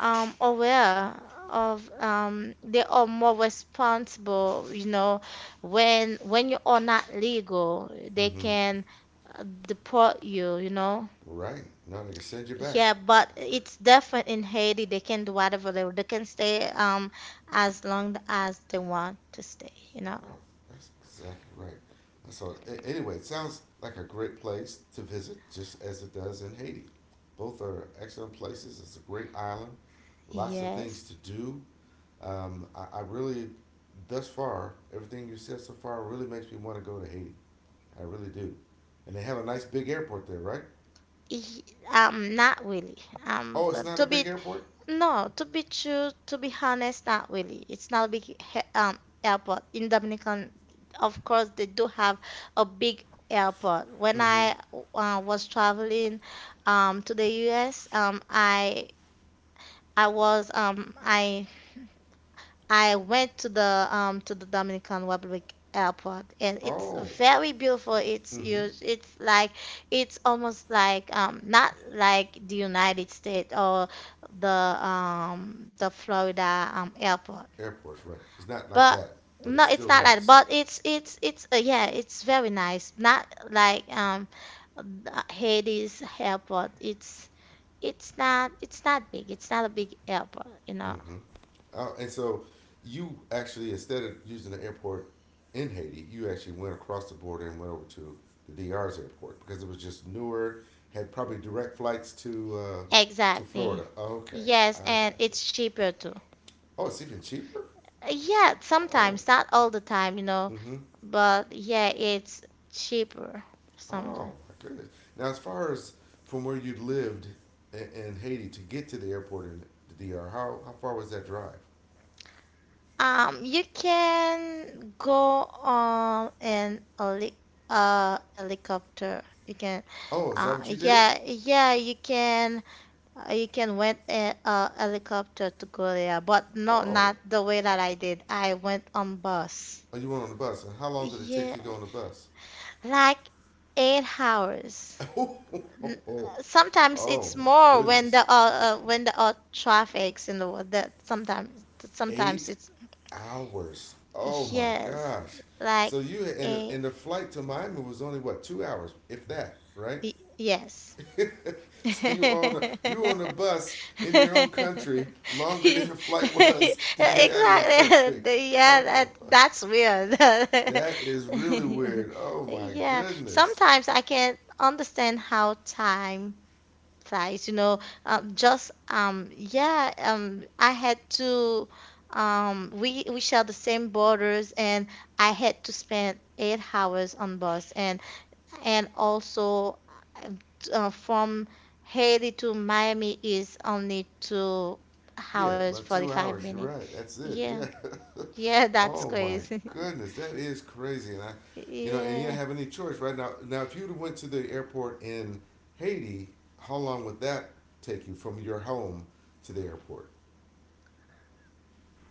A: aware of, they are more responsible, you know, when you are not legal they
B: Mm-hmm.
A: can deport you, you know.
B: Right. Now they can send you back.
A: Yeah, but
B: That's right.
A: it's different in Haiti. They can do whatever they can stay as long as they want to stay, you know.
B: Oh, that's exactly right. So anyway, it sounds like a great place to visit, just as it does in Haiti. Both are excellent places. It's a great island, lots of things
A: Yes.
B: to do. Um, I, I really, Thus far, everything you said so far really makes me want to go to Haiti. I really do. And they have a nice big airport there, right?
A: Y- not really. Um,
B: Oh, it's
A: but
B: not a
A: to
B: big
A: be
B: airport?
A: no, to be true, to be honest, not really. It's not a big he airport in Dominican. Of course, they do have a big airport. When
B: Mm hmm.
A: I was traveling to the US, I was I went to the Dominican Republic airport, and it's
B: Oh,
A: very beautiful. It's
B: mm hmm.
A: huge. It's like it's almost like, not like the United States or the Florida airport.
B: Airport's right. It's not like
A: But
B: that, but
A: no,
B: it's
A: it's
B: still
A: not like
B: nice.
A: but it's, yeah, it's very nice. Not like the Haiti's airport. It's not big. It's not a big airport, you know.
B: Mm-hmm. And so you actually, instead of using the airport in Haiti, you actually went across the border and went over to the DR's airport because it was just newer, had probably direct flights to
A: Exactly.
B: Florida. Okay,
A: Yes,
B: I
A: and
B: got you.
A: it's cheaper too.
B: Oh, it's even cheaper.
A: Yeah,
B: Oh,
A: sometimes, not all the time, you know,
B: mm-hmm.
A: but yeah, it's cheaper
B: Oh
A: sometimes.
B: my goodness. Now, as far as from where you lived in Haiti to get to the airport in the D.R., how far was that drive?
A: You can go on an heli helicopter. You can,
B: Oh, is that what you did?
A: yeah, yeah, you can rent a helicopter to go there, but no,
B: Oh,
A: not the way that I did. I went on bus.
B: oh, you went on the bus. And how long did it take
A: Yeah,
B: to go on the bus?
A: like 8 hours. N-
B: Oh,
A: Sometimes
B: oh
A: it's
B: my
A: more
B: goodness.
A: when the traffic's in the world that sometimes sometimes
B: Eight
A: it's
B: hours. Oh my
A: yes
B: gosh.
A: like
B: So you
A: a
B: and the flight to Miami was only what 2 hours, if that, right?
A: y- yes
B: So you
A: exactly
B: on a bus in your own country longer than the flight was to get out of your country.
A: The- yeah,
B: Oh,
A: that that's weird.
B: that is really weird. Oh my
A: Yeah,
B: goodness.
A: sometimes I can't understand how time. Right, you know, just, yeah, I had to, we share the same borders, and I had to spend 8 hours on bus, and also, from Haiti to Miami is only two
B: Yeah,
A: hours
B: about two
A: 45
B: hours. You're
A: minutes.
B: right. That's it.
A: Yeah,
B: Yeah.
A: yeah, that's
B: Oh my
A: crazy.
B: goodness, that is crazy, and I, you know, and you didn't
A: Yeah,
B: have any choice right now. Now, if you'd have went to the airport in Haiti, how long would that take you from your home to the airport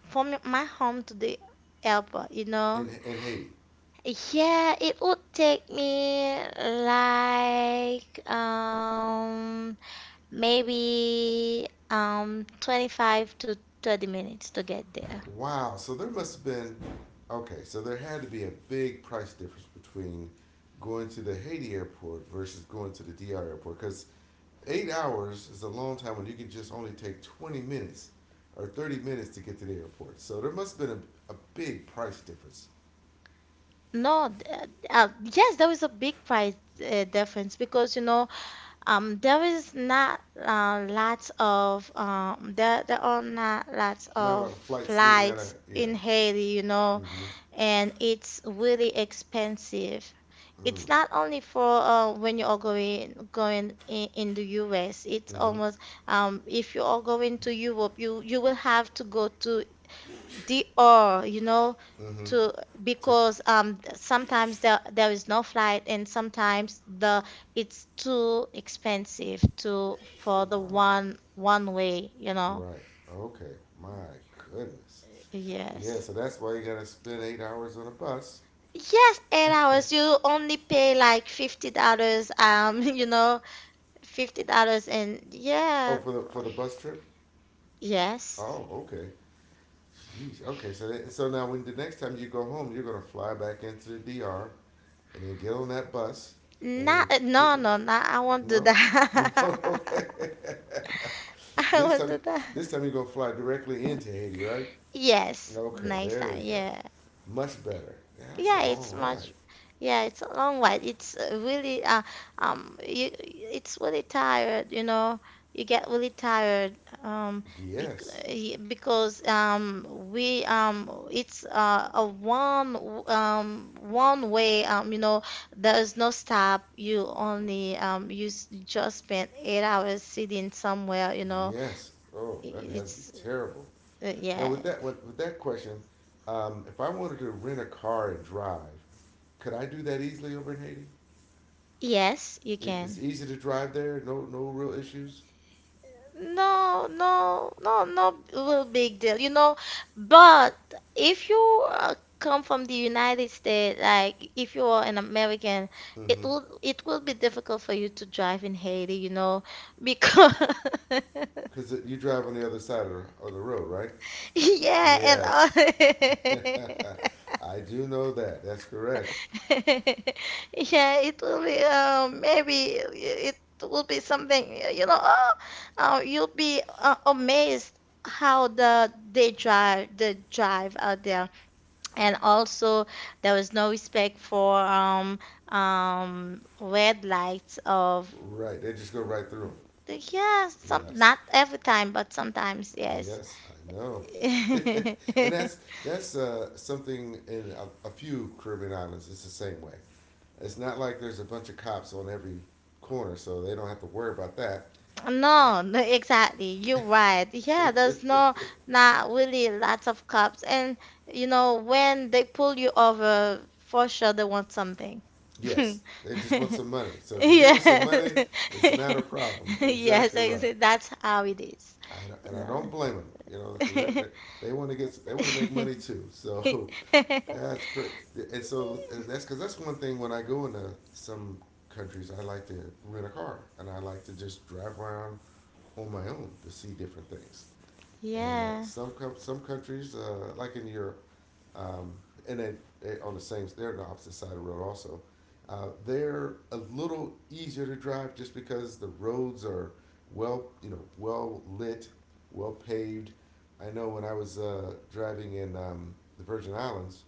A: from my home to the airport, you know.
B: in Haiti?
A: Yeah, it would take me like maybe 25 to 30 minutes to get there.
B: Wow, so there must have been, okay, so there had to be a big price difference between going to the Haiti airport versus going to the DR airport because 8 hours is a long time when you can just only take 20 minutes or 30 minutes to get to the airport. So there must have been a big price difference.
A: No, yes, there is a big price difference because you know there is not lots of there there are not lots
B: Not a lot
A: of
B: of flights leaving out
A: flights
B: of, yeah.
A: in Haiti, you know.
B: Mm-hmm.
A: And it's really expensive.
B: Mm,
A: It's not only for when you are going in the US. It's
B: mm-hmm.
A: almost if you are going to Europe, you will have to go to DR, you know,
B: Mm-hmm.
A: to
B: Tick.
A: because sometimes there there is no flight and sometimes the it's too expensive to for the
B: Wow.
A: one way, you know.
B: Right. Okay. My goodness. Yeah,
A: Yes.
B: so that's why you gotta spend 8 hours on a bus.
A: Yes, 8 hours. You only pay like $50, you know, $50 and
B: Oh,
A: yeah,
B: for the bus trip?
A: yes.
B: Oh, okay. Jeez. Okay, so that, so now when the next time you go home, you're gonna fly back into the DR and then get on that bus
A: Not
B: and
A: no
B: take
A: no no I
B: a
A: won't do
B: no. You won't
A: that.
B: okay.
A: I
B: this
A: won't do
B: time,
A: that.
B: this time you're gonna fly directly into Haiti, right?
A: Yes, the
B: Okay,
A: next
B: there
A: time,
B: we go.
A: yeah.
B: Much better. Yeah, that's a
A: Yeah,
B: long
A: it's
B: ride.
A: much. Yeah, it's a long while. It's really, you it's really tired, you know. You get really tired um bec
B: Yes,
A: y- because we it's a one w- one way you know there is no stop. You only you s- you just spend 8 hours sitting somewhere, you know.
B: yes. Oh,
A: I-
B: that has to be
A: It's
B: terrible. Now
A: yeah.
B: with that with that question, if I wanted to rent a car and drive, could I do that easily over in Haiti?
A: Yes, you
B: It's
A: can.
B: easy to drive there. No, no real issues.
A: No, no, no, no, well, big deal, you know. But if you come from the United States, like if you are an American, it
B: Mm-hmm.
A: will it will be difficult for you to drive in Haiti, you know, because
B: Because you drive on the other side of the road, right?
A: yeah, and
B: Yes.
A: all
B: I do know that. That's correct.
A: Yeah, it will be maybe it will be something, you know. Oh, you'll be amazed how they drive out there, and also there was no respect for red lights of
B: Right. They just go right through 'em.
A: yeah some
B: Yes.
A: not every time but sometimes yes.
B: Yes, I know. And that's that's something in a few Caribbean islands. It's the same way. It's not like there's a bunch of cops on every corner, so they don't have to worry about that.
A: No, no, exactly. You're right.
B: Eh.
A: Yeah, there's no not really lots of cops, and you know when they pull you over, for sure they want something.
B: Yes, they just want some money. So if you give them some
A: Yeah,
B: money, it's not a problem.
A: yes,
B: Exactly
A: I
B: right.
A: say that's how it is.
B: I, and
A: You
B: I don't blame them, you know, because
A: know.
B: they want to get they want to make money too. So that's great. And so that's because that's one thing when I go into some countries, I like to rent a car and I like to just drive around on my own to see different things. And
A: Yeah.
B: some some countries, like in Europe, um, and they on the same they're on the opposite side of the road also. They're a little easier to drive just because the roads are well you know well lit, well paved. I know when I was driving in the Virgin Islands,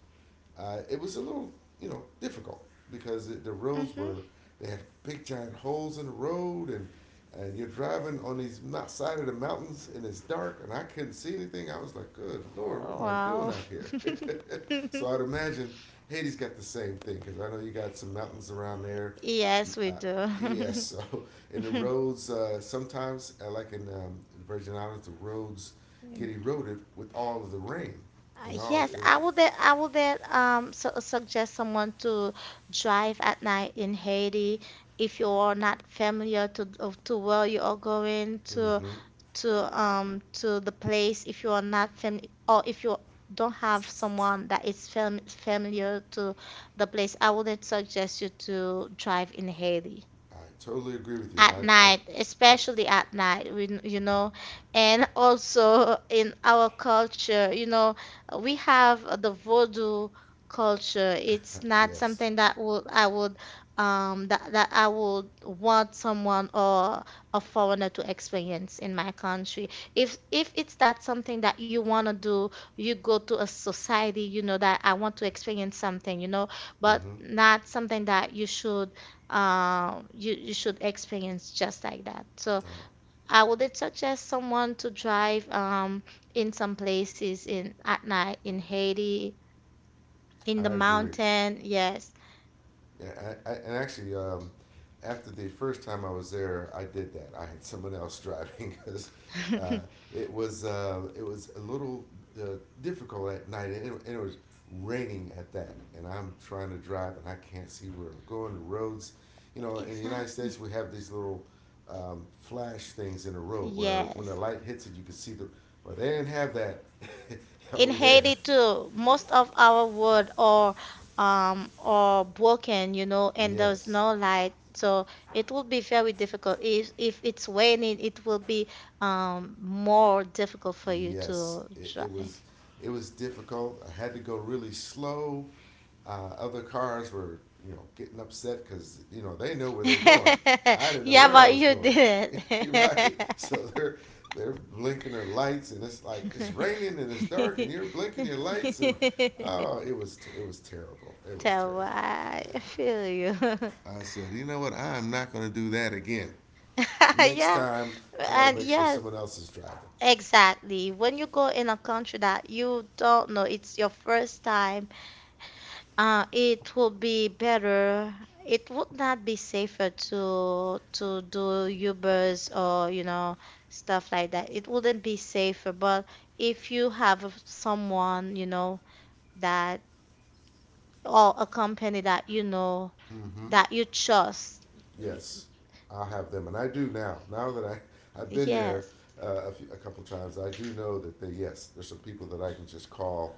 B: it was a little, you know, difficult because it, the roads
A: Mm-hmm.
B: were, they had big giant holes in the road and you're driving on these side of the mountains and it's dark and I couldn't see anything. I was like, good Lord, what am I doing
A: Wow.
B: out here? So I'd imagine Haiti's got the same thing because I know you got some mountains around there.
A: Yes, we
B: Uh, yes,
A: do.
B: so in the roads, sometimes, like in the Virgin Islands, the roads get eroded with all of the rain and all.
A: Yes, I would that su suggest someone to drive at night in Haiti, if you're not familiar to of- to where you are going
B: Hmm,
A: to the place, if you are not fam or if you don't have someone that is fam familiar to the place. I wouldn't suggest you to drive in Haiti
B: I totally agree with you, and
A: at night,
B: I
A: especially at night, we, you know, and also in our culture, you know, we have the voodoo culture. It's not
B: yes,
A: something that would I would that, that I would want someone or a foreigner to experience in my country. If it's that something that you want to do, you go to a society, you know, that I want to experience something, you know, but
B: mm-hmm.
A: not something that you should you you should experience just like that. So
B: No,
A: I would suggest someone to drive in some places in at night in Haiti, in the
B: I agree.
A: mountain. Yes,
B: Yeah, and actually, after the first time I was there, I did that. I had someone else driving because uh, it was a little uh, difficult at night, and and it was raining at that. And I'm trying to drive, and I can't see where I'm going. The roads, you know, in the United
A: exactly.
B: States, we have these little flash things in the road where when the
A: Yes,
B: light hits it, you can see the. Well, they didn't have that
A: in
B: over there.
A: Haiti too. Most of our wood are or broken, you know, and there's
B: Yes,
A: no light. So it will be very difficult. If it's raining, it will be more difficult for you
B: yes,
A: to drive.
B: it was difficult. I had to go really slow. Other cars were, you know, getting upset because you know they know where they're going. I didn't know
A: Yeah,
B: where I
A: but
B: was
A: you
B: going.
A: didn't.
B: Right, so they're blinking their lights, and it's like it's raining and it's dark, and you're blinking your lights, and oh, it was terrible. It was
A: So
B: terrible.
A: I
B: Yeah.
A: feel you.
B: I said, you know what? I am not going to do that again. Next
A: Yeah.
B: time, I'm going to
A: And
B: make sure
A: yeah,
B: someone else is driving.
A: exactly. When you go in a country that you don't know, it's your first time, it will be better. It would not be safer to do Ubers or, you know, stuff like that. It wouldn't be safer, but if you have someone, you know, that or a company that you know
B: Mm-hmm.
A: that you trust.
B: Yes, I'll have them, and I do now. Now that I've been there
A: Yes,
B: a, few, a couple times, I do know that they, yes, there's some people that I can just call,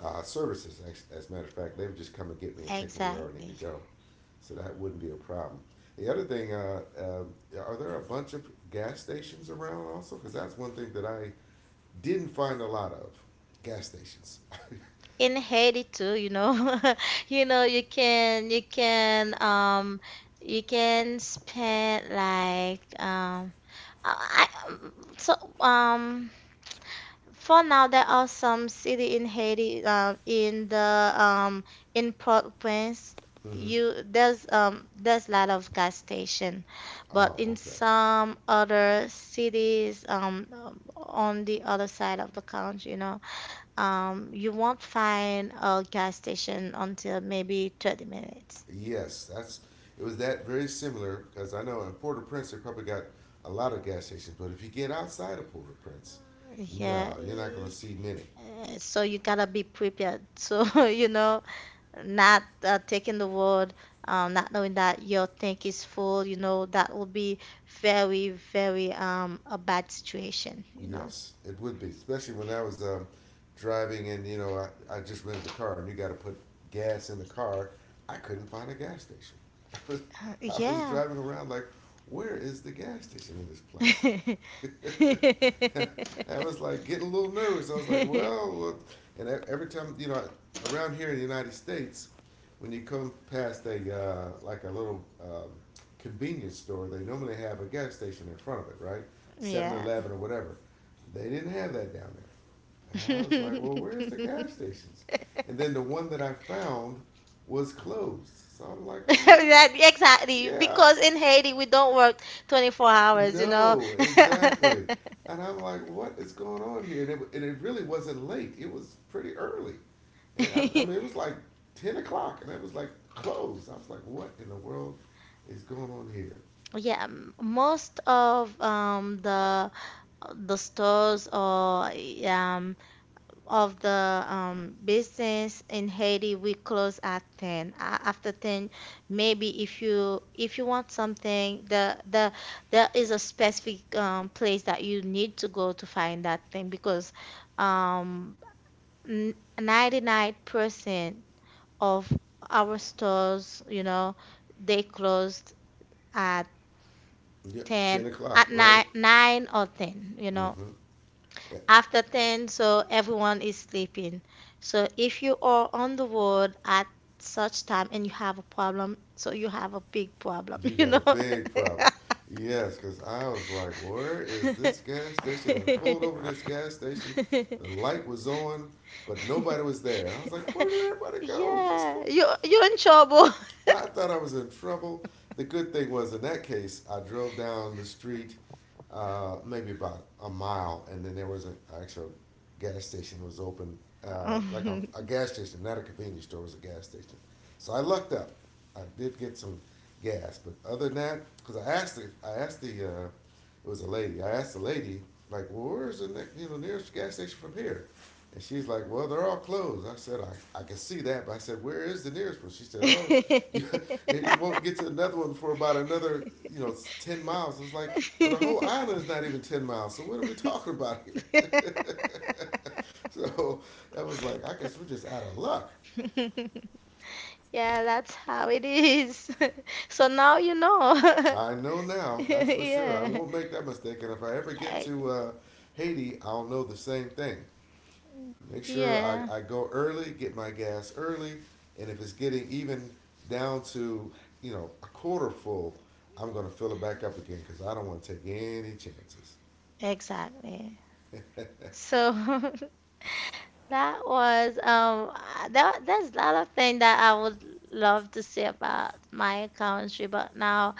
B: services. As a matter of fact, they would just come and get me and take me wherever I need to
A: exactly.
B: go, so that wouldn't be a problem. The other thing, are there a bunch of gas stations around also? Because that's one thing that I didn't find a lot of gas stations.
A: In Haiti too, you know, you know, you can you can spend like I- so for now, there are some city in Haiti, in the in Port-au-Prince.
B: Mm-hmm.
A: You there's a lot of gas station, but
B: Oh,
A: in
B: okay.
A: some other cities on the other side of the country, you know, you won't find a gas station until maybe 30 minutes.
B: Yes, that's it was that very similar because I know in Port-au-Prince they probably got a lot of gas stations, but if you get outside of Port-au-Prince,
A: Yeah,
B: no, you're not going to
A: eh,
B: see many.
A: so you gotta be prepared. So you know, not taking the word, not knowing that your tank is full, you know, that will be very, very a bad situation, you know.
B: Yes, it would be, especially when I was driving, and you know, I just rented a car and you got to put gas in the car. I couldn't find a gas station. I was I was
A: Yeah.
B: driving around like, where is the gas station in this place? And I was like getting a little nervous. I was like, well, every time, you know, around here in the United States, when you come past a like a little convenience store, they normally have a gas station in front of it, right? Seven
A: Yeah.
B: Eleven or whatever. They didn't have that down there. And I was like, well, where's the gas stations? And then the one that I found was closed. So I'm like, what?
A: That exactly
B: Yeah,
A: because in Haiti we don't work 24 hours, you know.
B: no, exactly. And I'm like, what is going on here? And it really wasn't late. It was pretty early. And I mean, it was like 10 o'clock and it was like closed. I was like, what in the world is going on here?
A: Yeah, m- most of the stores or um of the business in Haiti, we close at 10. A- After 10, maybe if you want something, the there is a specific place that you need to go to find that thing because um, n- 99% of our stores, you know, they closed at
B: Yep,
A: 10
B: 10 o'clock,
A: at
B: right?
A: nine, 9 or 10, you know.
B: Mm-hmm. Yeah.
A: After 10, so everyone is sleeping. So if you are on the road at such time and you have a problem, so you have a big problem,
B: You
A: you
B: got a
A: know?
B: big problem. Yes, because I was like, where is this gas station? I pulled over this gas station. The light was on, but nobody was there. And I was like, where did everybody go? What's
A: Yeah,
B: going on?
A: you you're in trouble.
B: I thought I was in trouble. The good thing was, in that case, I drove down the street, maybe about a mile, and then there was an actual gas station was open, like
A: Um,
B: a gas station, not a convenience store, it was a gas station. So I lucked up. I did get some gas, but other than that, because I asked the, it was a lady. I asked the lady, like, well, where's the next, you know, nearest gas station from here? And she's like, well, they're all closed. I said, I can see that, but I said, where is the nearest one? She said, oh, you, you won't get to another one for about another, you know, 10 miles. I was like, well, the whole island is not even 10 miles, so what are we talking about here? So I was like, I guess we're just out of luck.
A: Yeah, that's how it is. So now you know.
B: I know now, that's for sure. I
A: Yeah.
B: won't make that mistake, and if I ever get
A: I-
B: to Haiti, I'll know the same thing. Make sure I,
A: yeah,
B: I go early, get my gas early, and if it's getting even down to, you know, a quarter full, I'm going to fill it back up again because I don't want to take any chances.
A: exactly. So that was that there's a lot of things that I would love to say about my country, but now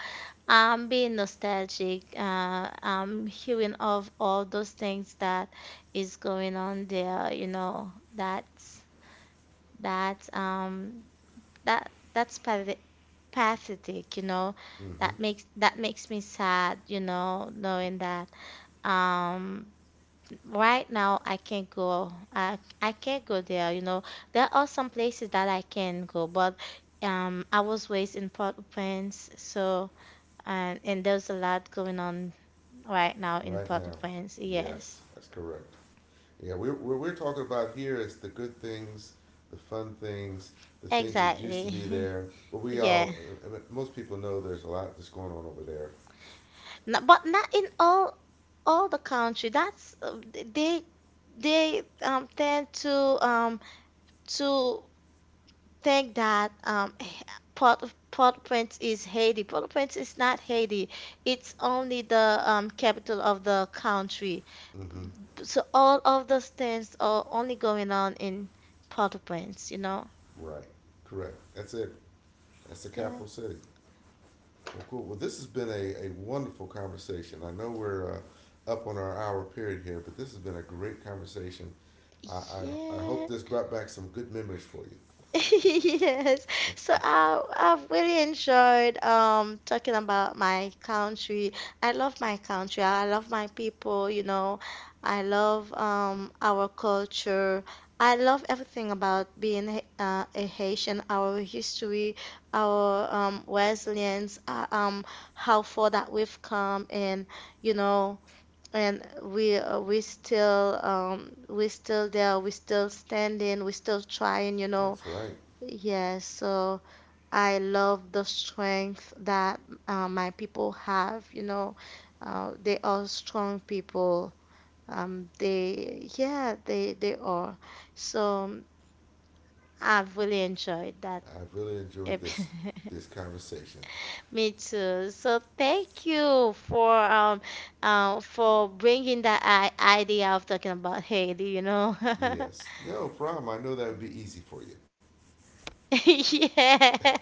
A: I'm being nostalgic. I'm hearing of all those things that is going on there. You know, that's that um that that's pathet- pathetic. You know,
B: Mm-hmm.
A: that makes me sad. You know, knowing that um right now, I can't go. I can't go there, you know. There are some places that I can go, but I was raised in Port-au-Prince, so and there's a lot going on right now in
B: Right now.
A: Port-au-Prince. Yes,
B: Yes, that's correct. Yeah, we're talking about here is the good things, the fun things, the things that used to be
A: exactly.
B: there. But we
A: Yeah,
B: all, most people know there's a lot that's going on over there.
A: no, but not in all the country. That's they tend to um to think that Port of Port-au-Prince is Haiti. Port-au-Prince is not Haiti. It's only the capital of the country.
B: Mm-hmm.
A: So all of those things are only going on in Port-au-Prince, you know?
B: Right. Correct. That's it. That's the
A: Yeah.
B: capital city. Well, cool. Well, this has been a wonderful conversation. I know we're up on our hour period here, but this has been a great conversation. I, I hope
A: Yeah.
B: this brought back some good memories for
A: Yes.
B: you.
A: So I I've really enjoyed talking about my country. I love my country. I love my people, you know. I love our culture. I love everything about being H- a Haitian, our history, our resilience, how far that we've come and you know and we still there, we still standing, we still trying, you know.
B: That's right.
A: Yes, so I love the strength that my people have. You know, they are strong people. They, yeah, they are. So I've really enjoyed that.
B: I've really enjoyed
A: Ep-
B: this conversation.
A: Me too. So thank you for bringing that I idea of talking about Haiti. You know,
B: Yes. No problem. I know that would be easy for you.
A: yeah,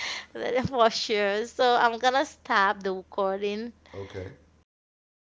A: for sure. So I'm gonna stop the recording.
B: Okay.